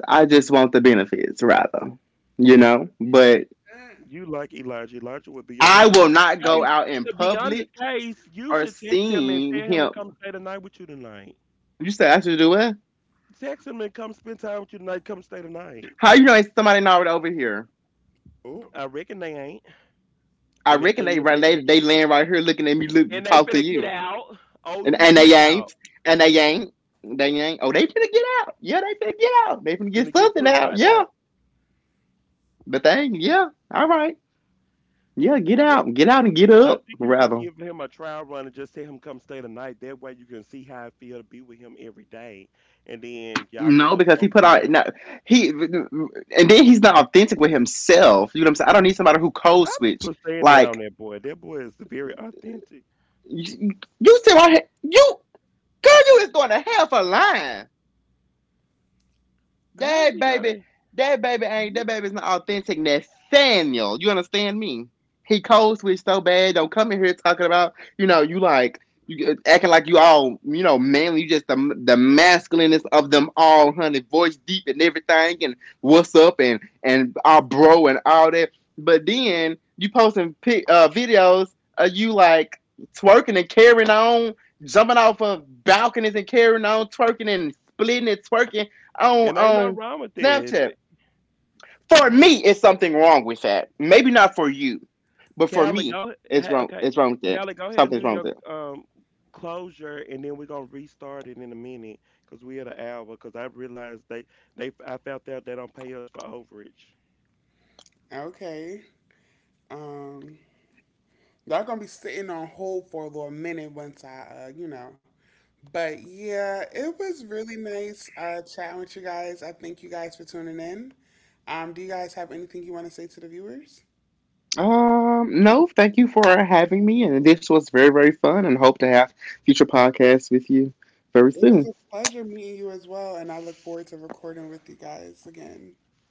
Speaker 2: I just want the benefits, rather, you know. But
Speaker 1: Mm.
Speaker 3: You like Elijah. Elijah would be your
Speaker 2: I
Speaker 3: boyfriend.
Speaker 2: will not go
Speaker 3: Case,
Speaker 2: out in
Speaker 3: to be honest,
Speaker 2: public
Speaker 3: Case, you
Speaker 2: or
Speaker 3: should text him and
Speaker 2: seen
Speaker 3: tell him to
Speaker 2: him.
Speaker 3: come stay the night with you tonight.
Speaker 2: You said I should do what?
Speaker 3: Text him and come spend time with you tonight. Come stay the night.
Speaker 2: How you know ain't somebody not right over here?
Speaker 1: Oh,
Speaker 3: I reckon they ain't.
Speaker 2: I
Speaker 3: And if
Speaker 2: reckon
Speaker 3: they
Speaker 2: they
Speaker 3: is,
Speaker 2: right
Speaker 3: they finna get
Speaker 2: they land right here looking at me look talk to you,
Speaker 3: out. O
Speaker 2: and
Speaker 3: U T out.
Speaker 2: they ain't, they ain't. Oh, they finna get out. Yeah, they finna get out. They finna get
Speaker 3: Finna get
Speaker 2: something
Speaker 3: put
Speaker 2: out.
Speaker 3: right
Speaker 2: Yeah,
Speaker 3: out.
Speaker 2: but they ain't. Yeah, all right. Yeah,
Speaker 3: Just
Speaker 2: get out and get
Speaker 3: I
Speaker 2: up,
Speaker 3: think you should
Speaker 2: rather.
Speaker 3: give him a trial run and just tell him come stay the night. That way you can see how it feel to be with him every day. And then y'all can
Speaker 2: No,
Speaker 3: just
Speaker 2: because he
Speaker 3: go
Speaker 2: put
Speaker 3: from
Speaker 2: out
Speaker 3: there.
Speaker 2: no he and then he's not authentic with himself. You know what I'm saying? I don't need somebody who code
Speaker 3: I'm
Speaker 2: switch.
Speaker 3: put saying that on
Speaker 2: Like
Speaker 3: that boy. That boy is very authentic.
Speaker 2: you, you sit right here, you girl, you is going to hell for lying.
Speaker 3: How's
Speaker 2: That
Speaker 3: he not?
Speaker 2: baby, that baby ain't that baby's not authentic Nathaniel. You understand me? He code switch so bad. Don't come in here talking about you know you like you acting like you all you know manly. You just the masculineness of them all, honey. Voice deep and everything, and what's up and our bro and all that. But then you posting pic, videos of you like twerking and carrying on, jumping off of balconies and carrying on, twerking and splitting and twerking
Speaker 3: And ain't nothing
Speaker 2: on
Speaker 3: wrong with
Speaker 2: Snapchat.
Speaker 3: that.
Speaker 2: For
Speaker 3: You,
Speaker 2: me, it's something wrong with that. Maybe not for you, but for
Speaker 3: Callie,
Speaker 2: me,
Speaker 3: go.
Speaker 2: it's
Speaker 3: Hey,
Speaker 2: wrong.
Speaker 3: okay,
Speaker 2: It's wrong with that.
Speaker 3: Callie, go ahead and
Speaker 2: Something's
Speaker 3: do
Speaker 2: wrong
Speaker 3: your
Speaker 2: with
Speaker 3: closure, and then we're gonna restart it in a minute because we had an hour. Because I realized they I found out they don't pay us for overage.
Speaker 1: okay. Um, y'all gonna be sitting on hold for a little minute once I, you know. But yeah, it was really nice chatting with you guys. I thank you guys for tuning in. Do you guys have anything you want to say to the viewers?
Speaker 2: it. No, thank you for having me, and this was very very fun, and hope to have future podcasts with you
Speaker 1: It
Speaker 2: very
Speaker 1: was a
Speaker 2: soon.
Speaker 1: pleasure meeting you as well, and I look forward to recording with you guys again.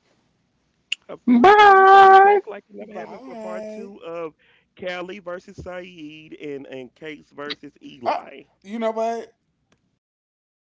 Speaker 3: Of course, girl, we gonna be back like it never
Speaker 2: Bye.
Speaker 3: happened for part two of
Speaker 1: Bye.
Speaker 3: Callie versus Saeed and Case versus Eli.
Speaker 1: Ah, you know what?
Speaker 2: And Jarvis.